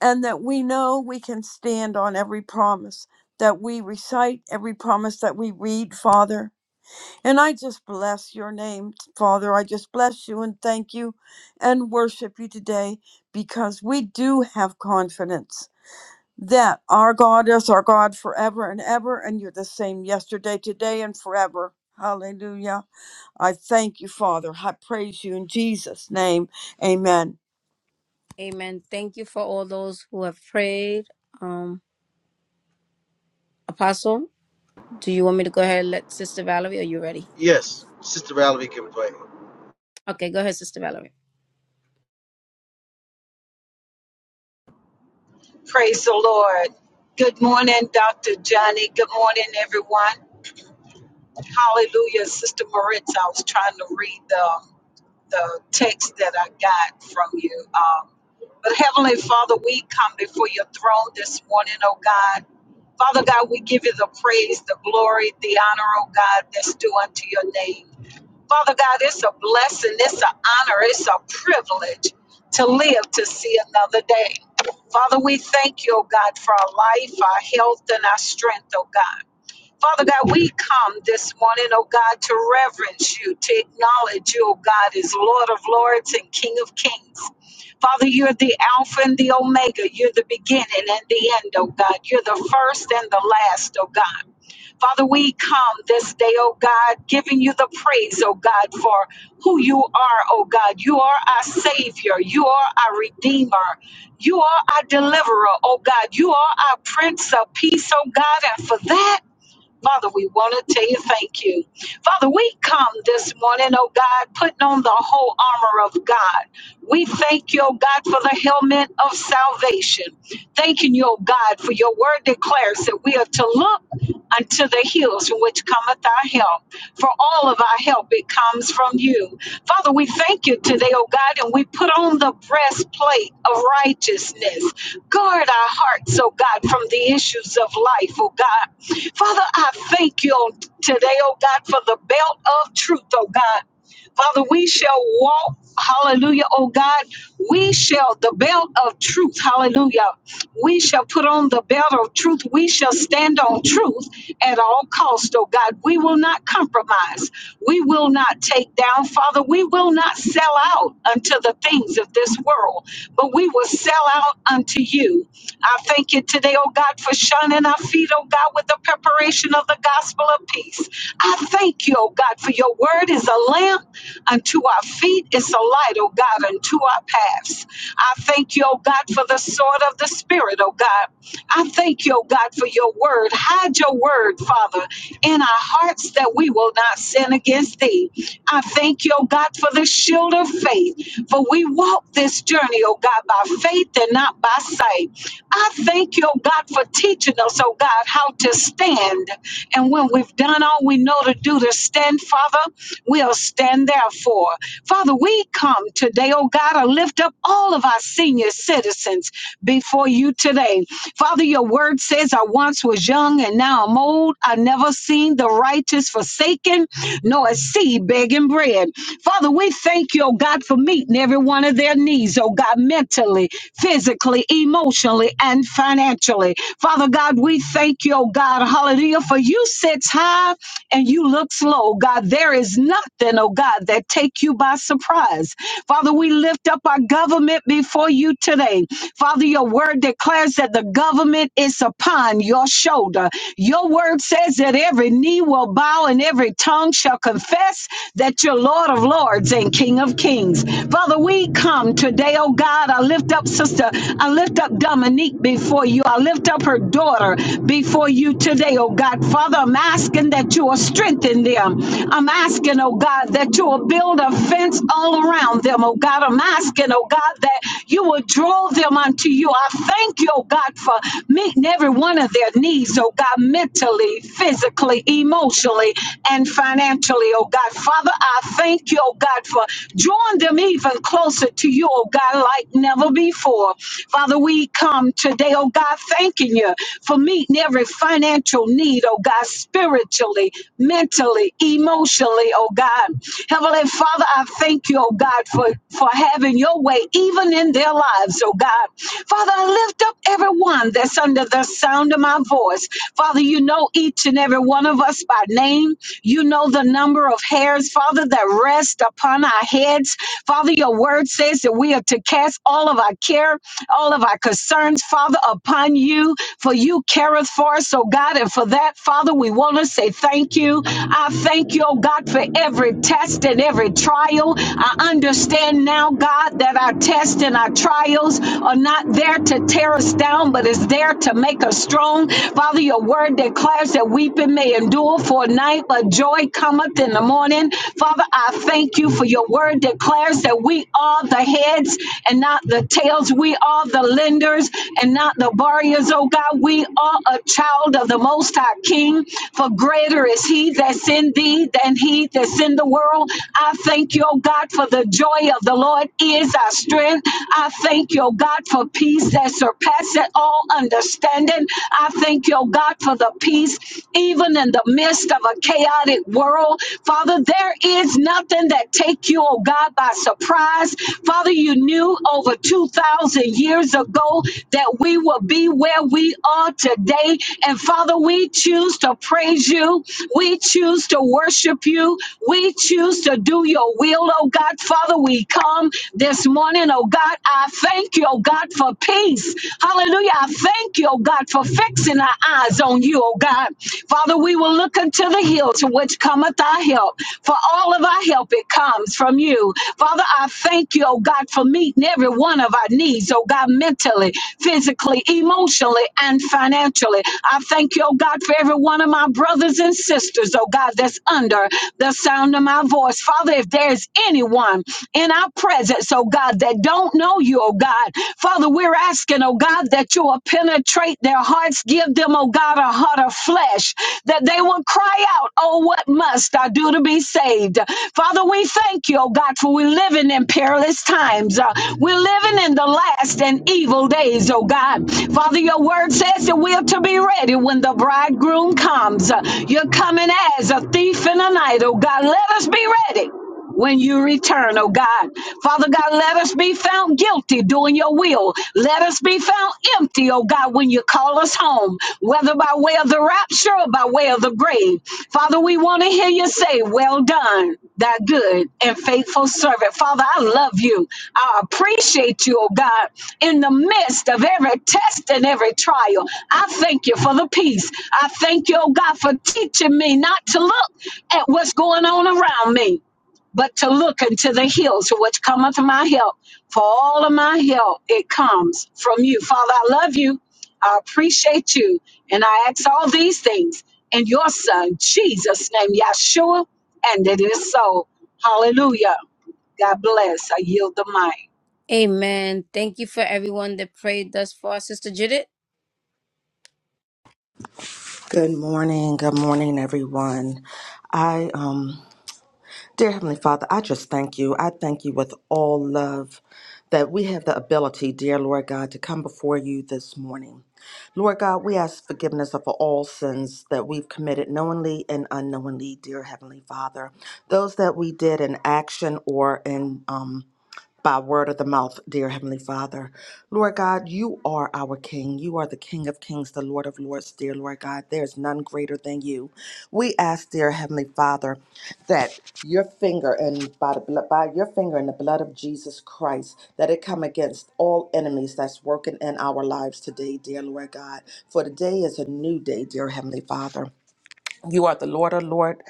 S5: and that we know we can stand on every promise that we recite, every promise that we read, Father. And I just bless your name, Father. I just bless you and thank you and worship you today because we do have confidence that our God is our God forever and ever, and you're the same yesterday, today, and forever. Hallelujah. I thank you, Father. I praise you in Jesus' name. Amen.
S1: Amen. Thank you for all those who have prayed. Um, Apostle. Do you want me to go ahead and let Sister Valerie? Are you ready?
S2: Yes, Sister Valerie can pray.
S1: Okay, go ahead, Sister Valerie.
S8: Praise the Lord. Good morning, Dr. Johnny. Good morning, everyone. Hallelujah, Sister Moritz. I was trying to read the, the text that I got from you. Um, but Heavenly Father, we come before your throne this morning, oh God. Father God, we give you the praise, the glory, the honor, oh God, that's due unto your name. Father God, it's a blessing, it's an honor, it's a privilege to live to see another day. Father, we thank you, oh God, for our life, our health, and our strength, oh God. Father God, we come this morning, oh God, to reverence you, to acknowledge you, oh God, as Lord of Lords and King of Kings. Father, you're the Alpha and the Omega. You're the beginning and the end, oh God. You're the first and the last, oh God. Father, we come this day, oh God, giving you the praise, oh God, for who you are, oh God. You are our Savior. You are our Redeemer. You are our Deliverer, oh God. You are our Prince of Peace, oh God. And for that, Father, we want to tell you thank you. Father, we come this morning, oh God, putting on the whole armor of God. We thank you, oh God, for the helmet of salvation. Thanking you, oh God, for your word declares that we are to look unto the hills from which cometh our help for all of our help, it comes from you. Father, we thank you today, oh God, and we put on the breastplate of righteousness. Guard our hearts, oh God, from the issues of life, oh God. Father, I thank you on today, oh God, for the belt of truth, oh God. Father, we shall walk, hallelujah, oh God. We shall, the belt of truth, hallelujah. We shall put on the belt of truth. We shall stand on truth at all cost, oh God. We will not compromise. We will not take down, Father. We will not sell out unto the things of this world, but we will sell out unto you. I thank you today, oh God, for shining our feet, oh God, with the preparation of the gospel of peace. I thank you, oh God, for your word is a lamp Unto our feet is a light, O God, unto our paths. I thank you, O God, for the sword of the Spirit, O God. I thank you, O God, for your word. Hide your word, Father, in our hearts that we will not sin against thee. I thank you, O God, for the shield of faith, for we walk this journey, O God, by faith and not by sight. I thank you, O God, for teaching us, O God, how to stand. And when we've done all we know to do to stand, Father, we'll stand and therefore. Father, we come today, oh God, to lift up all of our senior citizens before you today. Father, your word says, I once was young and now I'm old. I never seen the righteous forsaken, nor a seed begging bread. Father, we thank you, oh God, for meeting every one of their needs, oh God, mentally, physically, emotionally, and financially. Father God, we thank you, oh God, hallelujah, for you sits high and you looks low, God. There is nothing, oh God God, that take you by surprise. Father, we lift up our government before you today. Father, your word declares that the government is upon your shoulder. Your word says that every knee will bow and every tongue shall confess that you're Lord of Lords and King of Kings. Father, we come today, oh God. I lift up Sister, I lift up Dominique before you. I lift up her daughter before you today, oh God. Father, I'm asking that you will strengthen them. I'm asking, oh God, that you will you will build a fence all around them, oh God. I'm asking, oh God, that you will draw them unto you. I thank you, oh God, for meeting every one of their needs, oh God, mentally, physically, emotionally, and financially, oh God. Father, I thank you, oh God, for drawing them even closer to you, oh God, like never before. Father, we come today, oh God, thanking you for meeting every financial need, oh God, spiritually, mentally, emotionally, oh God. Heavenly Father, I thank you, oh God, for, for having your way even in their lives, oh God. Father, I lift up everyone that's under the sound of my voice. Father, you know each and every one of us by name. You know the number of hairs, Father, that rest upon our heads. Father, your word says that we are to cast all of our care, all of our concerns, Father, upon you, for you careth for us, oh God. And for that, Father, we want to say thank you. I thank you, oh God, for every testimony test and every trial. I understand now, God, that our tests and our trials are not there to tear us down, but it's there to make us strong. Father, your word declares that weeping may endure for a night, but joy cometh in the morning. Father, I thank you for your word declares that we are the heads and not the tails. We are the lenders and not the borrowers, oh God. We are a child of the Most High King, for greater is He that's in thee than He that's in the world. I thank you, oh God, for the joy of the Lord is our strength. I thank you, oh God, for peace that surpasses all understanding. I thank you, oh God, for the peace even in the midst of a chaotic world. Father, there is nothing that take you, oh God, by surprise. Father, you knew over 2,000 years ago that we will be where we are today. And Father, we choose to praise you. We choose to worship you. We choose to to do your will, oh God. Father, we come this morning, oh God. I thank you, oh God, for peace. Hallelujah. I thank you, oh God, for fixing our eyes on you, oh God. Father, we will look unto the hills to which cometh our help. For all of our help, it comes from you. Father, I thank you, oh God, for meeting every one of our needs, oh God, mentally, physically, emotionally, and financially. I thank you, oh God, for every one of my brothers and sisters, oh God, that's under the sound of my voice us. Father, if there's anyone in our presence, oh God, that don't know you, oh God, Father, we're asking, oh God, that you will penetrate their hearts, give them, oh God, a heart of flesh, that they will cry out, oh, what must I do to be saved? Father, we thank you, oh God, for we're living in perilous times. Uh, we're living in the last and evil days, oh God. Father, your word says that we're to be ready when the bridegroom comes. Uh, You're coming as a thief in the night, oh God. Let us be ready ready when you return, oh God. Father God, let us be found guilty doing your will. Let us be found empty, oh God, when you call us home, whether by way of the rapture or by way of the grave. Father, we want to hear you say, Well done, thy good and faithful servant. Father, I love you. I appreciate you, oh God, in the midst of every test and every trial. I thank you for the peace. I thank you, oh God, for teaching me not to look at what's going on around me but to look into the hills to what cometh my help. For all of my help, it comes from you. Father, I love you. I appreciate you. And I ask all these things in your son, Jesus' name, Yeshua. And it is so. Hallelujah. God bless. I yield the mic.
S1: Amen. Thank you for everyone that prayed thus far, Sister Judith.
S7: Good morning. Good morning, everyone. I um Dear Heavenly Father, I just thank you. I thank you with all love that we have the ability, dear Lord God, to come before you this morning. Lord God, we ask forgiveness of all sins that we've committed knowingly and unknowingly, dear Heavenly Father. Those that we did in action or in um, by word of the mouth, dear Heavenly Father. Lord God, you are our King. You are the King of Kings, the Lord of Lords, dear Lord God. There is none greater than you. We ask, dear Heavenly Father, that your finger and by the blood, by your finger and the blood of Jesus Christ, that it come against all enemies that's working in our lives today, dear Lord God. For today is a new day, dear Heavenly Father. You are the Lord, O Lord,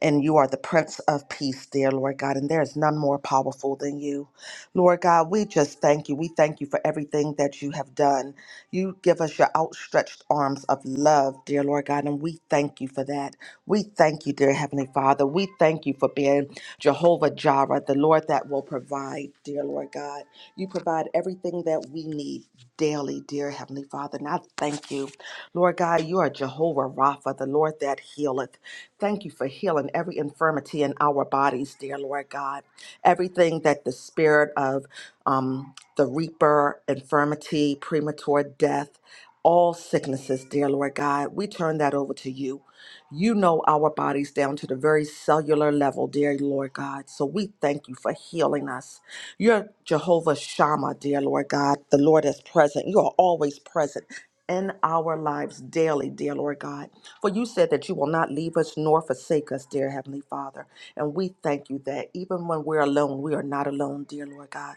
S7: and you are the Prince of Peace, dear Lord God, and there is none more powerful than you. Lord God, we just thank you. We thank you for everything that you have done. You give us your outstretched arms of love, dear Lord God, and we thank you for that. We thank you, dear Heavenly Father. We thank you for being Jehovah Jireh, the Lord that will provide, dear Lord God. You provide everything that we need daily, dear Heavenly Father, and I thank you. Lord God, you are Jehovah Rapha, the Lord that healeth. Thank you for healing every infirmity in our bodies, dear Lord God. Everything that the spirit of um, the reaper, infirmity, premature death, all sicknesses, dear Lord God, we turn that over to you. You know our bodies down to the very cellular level, dear Lord God. So we thank you for healing us. You're Jehovah Shammah, dear Lord God, the Lord is present. You are always present in our lives daily, dear Lord God. For you said that you will not leave us nor forsake us, dear Heavenly Father. And we thank you that even when we're alone, we are not alone, dear Lord God.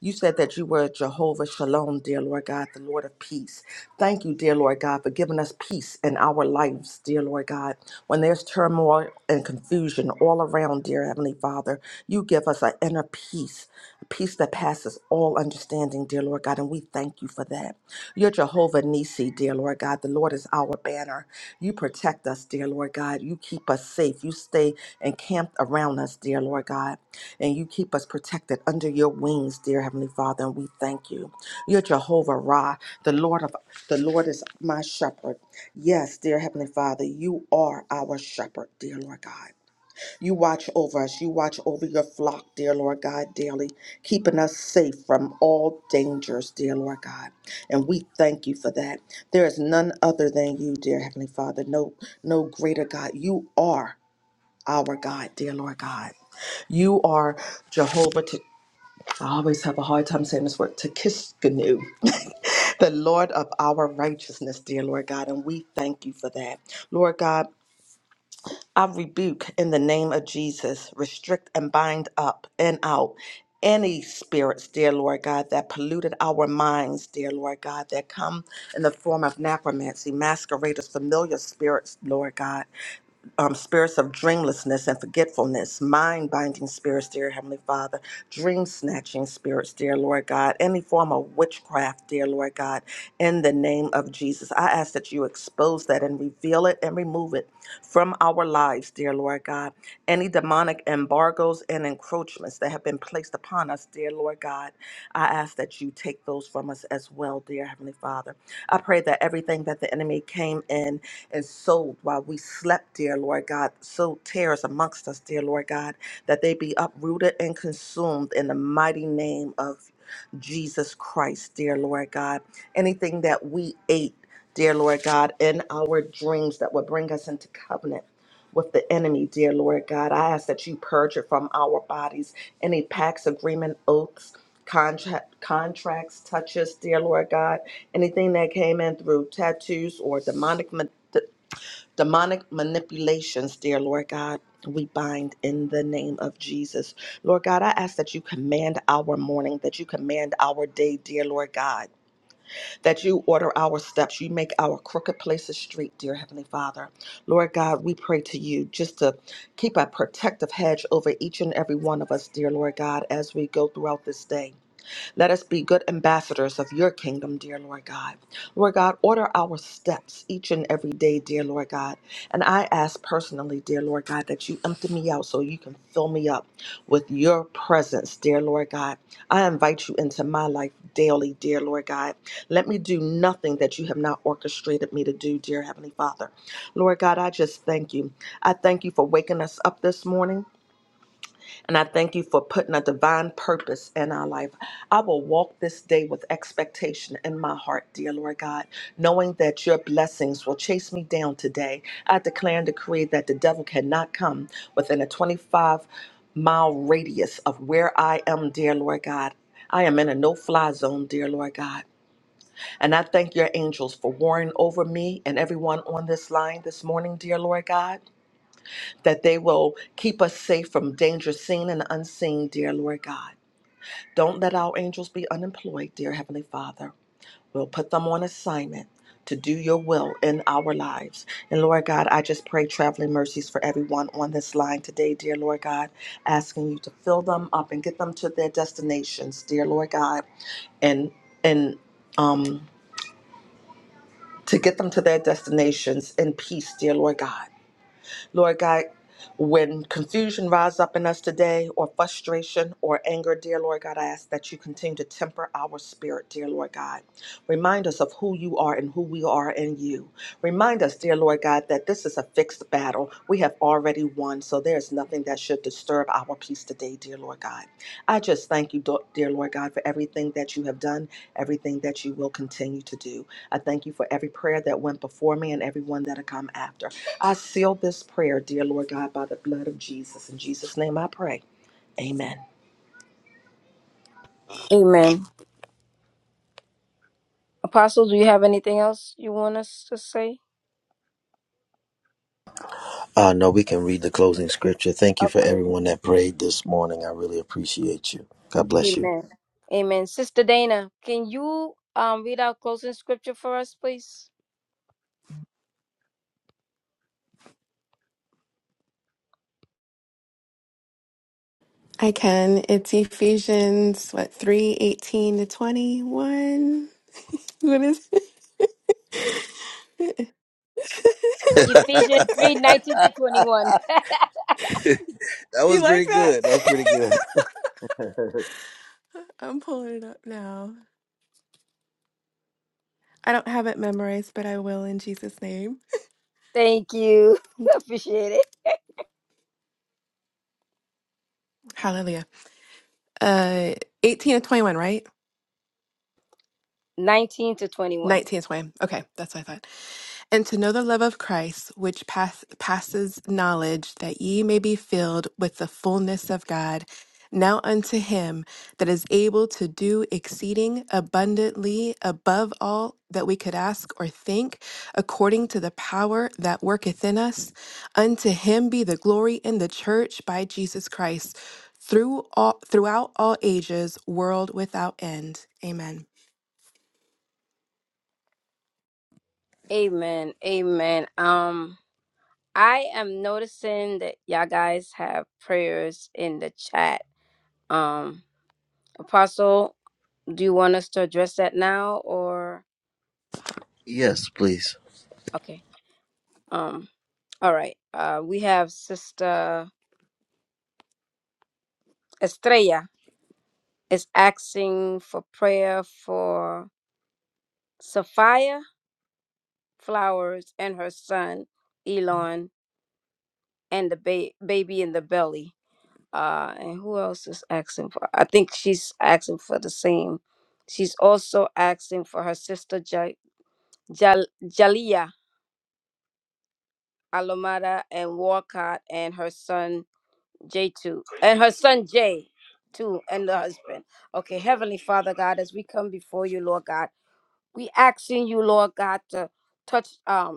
S7: You said that you were Jehovah Shalom, dear Lord God, the Lord of peace. Thank you, dear Lord God, for giving us us peace in our lives, dear Lord God. When there's turmoil and confusion all around, dear Heavenly Father, you give us an inner peace, a peace that passes all understanding, dear Lord God, and we thank you for that. You're Jehovah Nisi, dear Lord God. The Lord is our banner. You protect us, dear Lord God. You keep us safe. You stay encamped around us, dear Lord God, and you keep us protected under your wings, dear Heavenly Father, and we thank you. You're Jehovah Ra, the Lord of the Lord is my shepherd. Yes, dear Heavenly Father, you are our shepherd, dear Lord God. You watch over us. You watch over your flock, dear Lord God, daily, keeping us safe from all dangers, dear Lord God. And we thank you for that. There is none other than you, dear Heavenly Father. No, no greater God. You are our God, dear Lord God. You are Jehovah. I always have a hard time saying this word, Tekishkanu, the Lord of our righteousness, dear Lord God, and we thank you for that. Lord God, I rebuke in the name of Jesus, restrict and bind up and out any spirits, dear Lord God, that polluted our minds, dear Lord God, that come in the form of necromancy, masqueraders, familiar spirits, Lord God um, spirits of dreamlessness and forgetfulness, mind binding spirits, dear Heavenly Father, dream snatching spirits, dear Lord God, any form of witchcraft, dear Lord God, in the name of Jesus. I ask that you expose that and reveal it and remove it from our lives, dear Lord God. Any demonic embargoes and encroachments that have been placed upon us, dear Lord God, I ask that you take those from us as well, dear Heavenly Father. I pray that everything that the enemy came in and sold while we God. We slept, dear Lord God. So tears amongst us, dear Lord God, that they be uprooted and consumed in the mighty name of Jesus Christ, dear Lord God. Anything that we ate, dear Lord God, in our dreams that would bring us into covenant with the enemy, dear Lord God, I ask that you purge it from our bodies. Any pacts, agreement, oaths, contract, contracts, touches, dear Lord God, anything that came in through tattoos or demonic. ma- demonic manipulations, dear Lord God. We bind in the name of Jesus. Lord God, I ask that you command our morning, that you command our day, dear Lord God, that you order our steps, you make our crooked places straight, dear Heavenly Father. Lord God, we pray to you just to keep a protective hedge over each and every one of us, dear Lord God, as we go throughout this day. Let us be good ambassadors of your kingdom, dear Lord God. Lord God, order our steps each and every day, dear Lord God. And I ask personally, dear Lord God, that you empty me out so you can fill me up with your presence, dear Lord God. I invite you into my life daily, dear Lord God. Let me do nothing that you have not orchestrated me to do, dear Heavenly Father. Lord God, I just thank you. I thank you for waking us up this morning. And I thank you for putting a divine purpose in our life. I will walk this day with expectation in my heart, dear Lord God, knowing that your blessings will chase me down today. I declare and decree that the devil cannot come within a 25 mile radius of where I am, dear Lord God. I am in a no fly zone, dear Lord God. And I thank your angels for warring over me and everyone on this line this morning, dear Lord God that they will keep us safe from danger seen and unseen, dear Lord God. Don't let our angels be unemployed, dear Heavenly Father. We'll put them on assignment to do your will in our lives. And Lord God, I just pray traveling mercies for everyone on this line today, dear Lord God, asking you to fill them up and get them to their destinations, dear Lord God and and um to get them to their destinations in peace, dear Lord God. Lord God, when confusion rises up in us today, or frustration or anger, dear Lord God, I ask that you continue to temper our spirit, dear Lord God. Remind us of who you are and who we are in you. Remind us, dear Lord God, that this is a fixed battle. We have already won, so there's nothing that should disturb our peace today, dear Lord God. I just thank you, dear Lord God, for everything that you have done, everything that you will continue to do. I thank you for every prayer that went before me and everyone that'll come after. I seal this prayer, dear Lord God, by the blood of Jesus. In Jesus' name I pray. Amen.
S1: Amen. Apostle, do you have anything else you want us to say?
S2: Uh, no, we can read the closing scripture. Thank you for
S1: Okay.
S2: everyone that prayed this morning. I really appreciate you. God bless you.
S1: Amen. Amen. Sister Dana, can you um read our closing scripture for us, please?
S6: I can. It's Ephesians, what, 3:18 to 21. What is
S2: that
S1: Ephesians three nineteen to 21.
S6: You
S2: was
S6: like
S2: pretty
S6: that?
S2: good. That was pretty good.
S6: I'm pulling it up now. I don't have it memorized, but I will in Jesus' name.
S1: Thank you. Appreciate it.
S6: Hallelujah. Uh, 18 to 21, right?
S1: 19 to 21.
S6: Nineteenth way. Okay, that's what I thought. And to know the love of Christ, which pass, passes knowledge, that ye may be filled with the fullness of God. Now unto him that is able to do exceeding abundantly above all that we could ask or think, according to the power that worketh in us, unto him be the glory in the church by Jesus Christ, through all throughout all ages, world without end. Amen.
S1: Amen. Amen. Um I am noticing that y'all guys have prayers in the chat. Um, Apostle, do you want us to address that now or
S2: yes, please.
S1: okay? Um, all right. Uh, we have Sister Estrella is asking for prayer for Sophia Flowers and her son Elon and the ba- baby in the belly. uh and who else is asking for i think she's asking for the same she's also asking for her sister ja- Jal- jalia alomada and walcott and her son j2 and her son jay too and the husband okay heavenly father god as we come before you lord god we asking you lord god to touch um.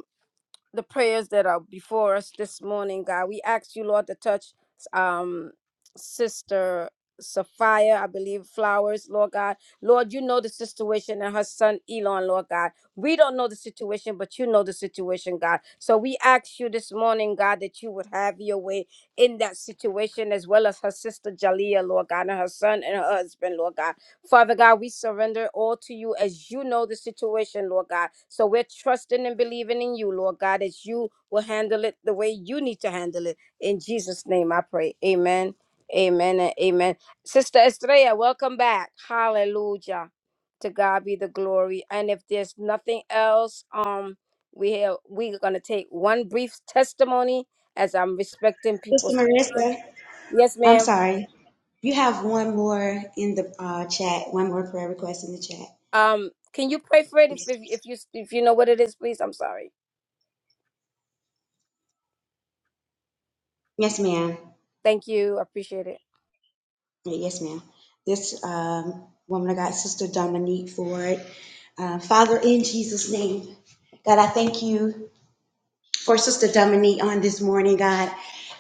S1: the prayers that are before us this morning, God. We ask you, Lord, to touch um sister Sophia, I believe, Flowers, Lord God. Lord, you know the situation and her son Elon, Lord God. We don't know the situation, but you know the situation, God. So we ask you this morning, God, that you would have your way in that situation, as well as her sister Jalea, Lord God, and her son and her husband, Lord God. Father God, we surrender all to you as you know the situation, Lord God. So we're trusting and believing in you, Lord God, as you will handle it the way you need to handle it. In Jesus' name I pray. Amen. Amen and amen. Sister Estrella, welcome back. Hallelujah. To God be the glory. And if there's nothing else, um, we have we're gonna take one brief testimony as I'm respecting
S3: Sister
S1: people's
S3: Marissa,
S1: yes,
S3: I'm
S1: ma'am.
S3: sorry. You have one more in the uh, chat, one more prayer request in the chat.
S1: Um, can you pray for it if if, if you if you know what it is, please? I'm sorry.
S3: Yes, ma'am.
S1: Thank you. I appreciate it.
S3: Yeah, Yes, ma'am. This um, woman of God, Sister Dominique Ford. Uh, Father, in Jesus' name, God, I thank you for Sister Dominique on this morning, God.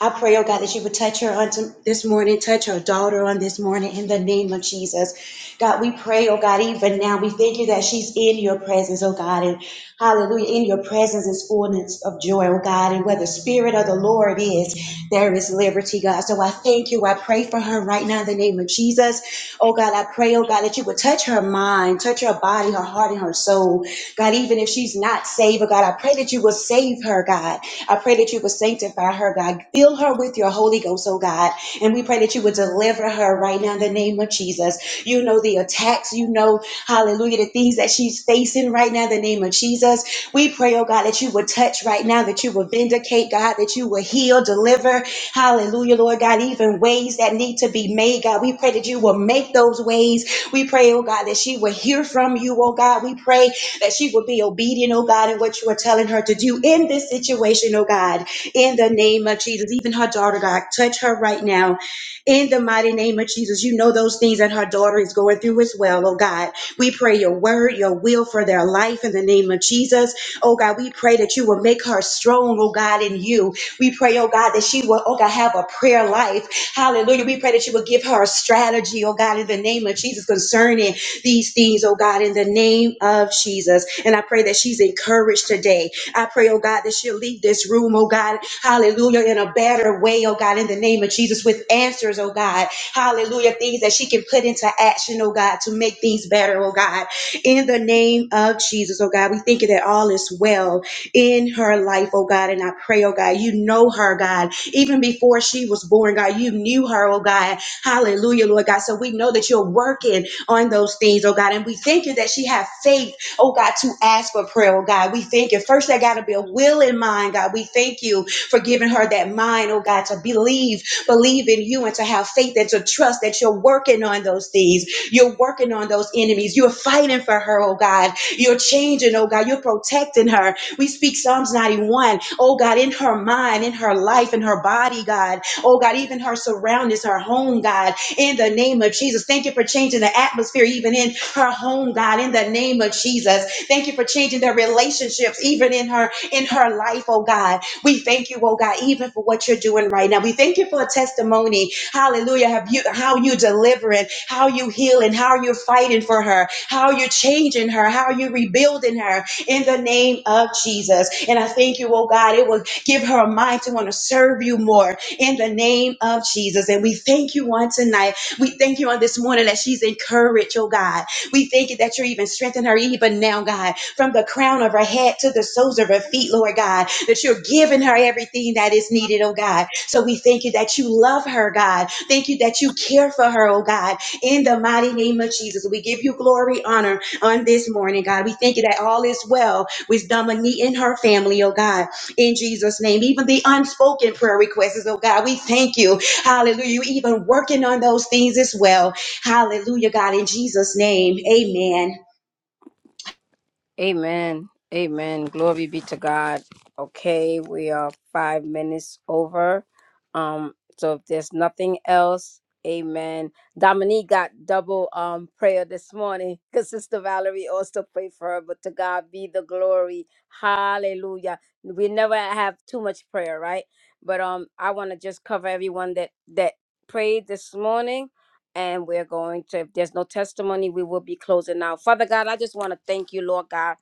S3: I pray, oh God, that you would touch her on to- this morning, touch her daughter on this morning in the name of Jesus. God, we pray, oh God, even now, we thank you that she's in your presence, oh God, and hallelujah, in your presence is fullness of joy, oh God, and where the Spirit of the Lord is, there is liberty, God. So I thank you. I pray for her right now in the name of Jesus. Oh God, I pray, oh God, that you would touch her mind, touch her body, her heart, and her soul. God, even if she's not saved, oh God, I pray that you will save her, God. I pray that you would sanctify her, God. Fill her with your Holy Ghost, oh God. And we pray that you would deliver her right now in the name of Jesus. You know the attacks, you know, hallelujah, the things that she's facing right now in the name of Jesus. We pray, oh God, that you would touch right now, that you would vindicate, God, that you would heal, deliver, hallelujah, Lord God, even ways that need to be made, God. We pray that you will make those ways. We pray, oh God, that she will hear from you, oh God. We pray that she will be obedient, oh God, in what you are telling her to do in this situation, oh God, in the name of Jesus. Even her daughter, God, touch her right now in the mighty name of Jesus. You know those things that her daughter is going through as well, oh God. We pray your word, your will for their life in the name of Jesus. Oh God, we pray that you will make her strong, oh God, in you. We pray, oh God, that she will, oh God, have a prayer life. Hallelujah. We pray that you will give her a strategy, oh God, in the name of Jesus concerning these things, oh God, in the name of Jesus. And I pray that she's encouraged today. I pray, oh God, that she'll leave this room, oh God, hallelujah, in a better way, oh God, in the name of Jesus, with answers, oh God, hallelujah, things that she can put into action, oh God, to make things better, oh God, in the name of Jesus, oh God. We thank you that all is well in her life, oh God, and I pray, oh God, you know her, God, even before she was born, God, you knew her, oh God, hallelujah, Lord God. So we know that you're working on those things, oh God. And we thank you that she had faith, oh God, to ask for prayer, oh God. We thank you. First, there got to be a will in mind, God. We thank you for giving her that mind, oh God, to believe, believe in you and to have faith and to trust that you're working on those things. You're working on those enemies. You're fighting for her, oh God. You're changing, oh God. You're protecting her. We speak Psalms 91, oh God, in her mind, in her life, in her body, God. Oh God, even her surroundings, her home, God in the name of Jesus. Thank you for changing the atmosphere, even in her home, God, in the name of Jesus. Thank you for changing their relationships, even in her, in her life, oh God. We thank you, oh God, even for what you're doing right now. We thank you for a testimony. Hallelujah. Have you how you delivering, how you healing, how you're fighting for her, how you're changing her, how you rebuilding her in the name of Jesus. And I thank you, oh God, it will give her a mind to want to serve you more in the name of Jesus. And we thank you on tonight. We thank you on this morning that she's encouraged, oh God. We thank you that you're even strengthening her even now, God, from the crown of her head to the soles of her feet, Lord God, that you're giving her everything that is needed, oh God. So we thank you that you love her, God. Thank you that you care for her, oh God, in the mighty name of Jesus. We give you glory, honor on this morning, God. We thank you that all is well with Dominique and her family, oh God in Jesus' name. Even the unspoken prayer requests, oh God, we thank you. Hallelujah. You even working on those things as well. Hallelujah, God, in Jesus' name. Amen.
S1: Amen. Amen. Glory be to God. Okay, we are five minutes over. Um, so if there's nothing else, amen. Dominique got double um prayer this morning because Sister Valerie also prayed for her, but to God be the glory. Hallelujah. We never have too much prayer, right? But um I want to just cover everyone that that prayed this morning and we're going to if there's no testimony we will be closing now father god i just want to thank you lord god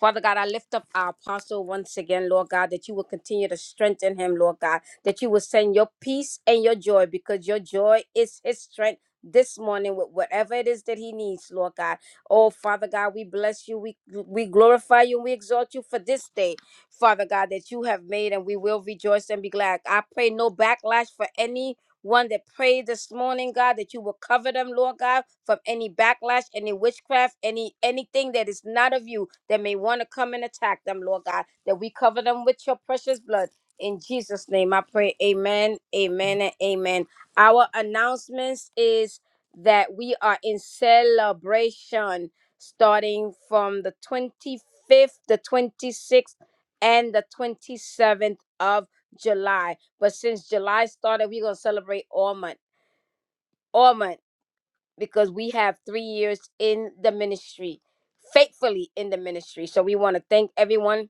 S1: Father God, I lift up our apostle once again, Lord God, that you will continue to strengthen him, Lord God, that you will send your peace and your joy because your joy is his strength this morning with whatever it is that he needs, Lord God. Oh, Father God, we bless you, we, we glorify you, and we exalt you for this day, Father God, that you have made, and we will rejoice and be glad. I pray no backlash for any one that prayed this morning, God, that you will cover them, Lord God, from any backlash, any witchcraft, any anything that is not of you that may want to come and attack them, Lord God, that we cover them with your precious blood. In Jesus' name, I pray. Amen. Amen. And amen. Our announcements is that we are in celebration starting from the 25th, the 26th, and the 27th of July. But since July started, we're gonna celebrate all month, all month, because we have three years in the ministry, faithfully in the ministry. So we want to thank everyone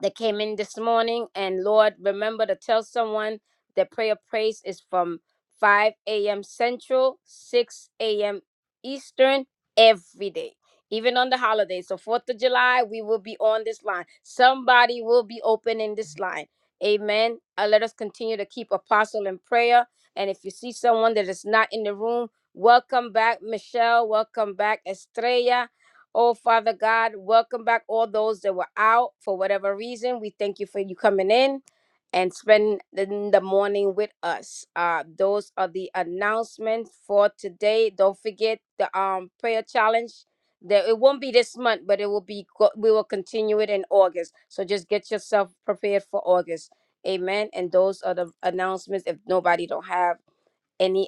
S1: that came in this morning. And Lord, remember to tell someone that prayer praise is from 5 a.m. Central, 6 a.m. Eastern every day, even on the holidays. So, 4th of July, we will be on this line. Somebody will be opening this line. Amen. And let us continue to keep apostle in prayer. And if you see someone that is not in the room, welcome back, Michelle. Welcome back, Estrella. Oh, Father God, welcome back all those that were out for whatever reason. We thank you for you coming in and spending the the morning with us. Uh, those are the announcements for today. Don't forget the um prayer challenge. That it won't be this month, but it will be. go- We will continue it in August. So just get yourself prepared for August. Amen. And those are the announcements. If nobody don't have any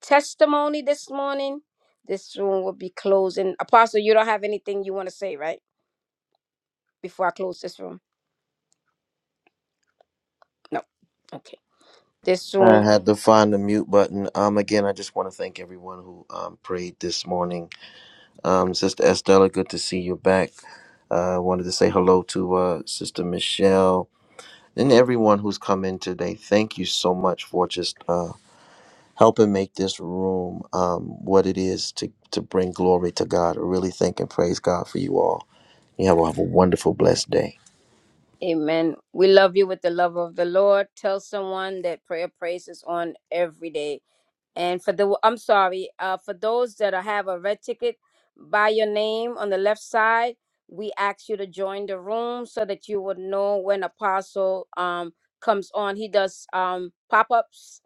S1: testimony this morning, this room will be closing. Apostle, you don't have anything you want to say, right? Before I close this room? No. Okay. This
S2: I
S1: room,
S2: had to find the mute button. Um, again, I just want to thank everyone who um, prayed this morning. Um, Sister Estella, good to see you back. I uh, wanted to say hello to uh, Sister Michelle and everyone who's come in today. Thank you so much for just. uh. helping make this room um, what it is to, to bring glory to God. I really thank and praise God for you all. You have, have a wonderful, blessed day.
S1: amen. We love you with the love of the Lord. Tell someone that prayer praise is on every day. And for the, I'm sorry, uh, for those that are- have a red ticket by your name on the left side, we ask you to join the room so that you would know when Apostle um comes on. He does um pop ups.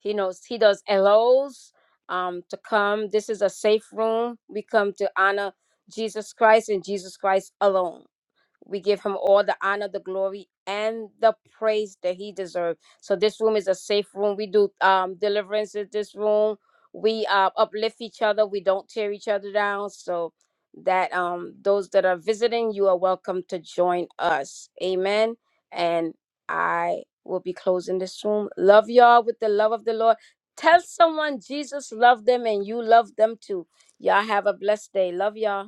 S1: He knows he does LOs um to come. This is a safe room. We come to honor Jesus Christ and Jesus Christ alone. We give him all the honor, the glory, and the praise that he deserves. So this room is a safe room. We do um deliverance in this room. We uh, uplift each other. We don't tear each other down. So that um those that are visiting, you are welcome to join us. Amen. And I will be closing this room. Love y'all with the love of the Lord. Tell someone Jesus loved them and you love them too. Y'all have a blessed day. Love y'all.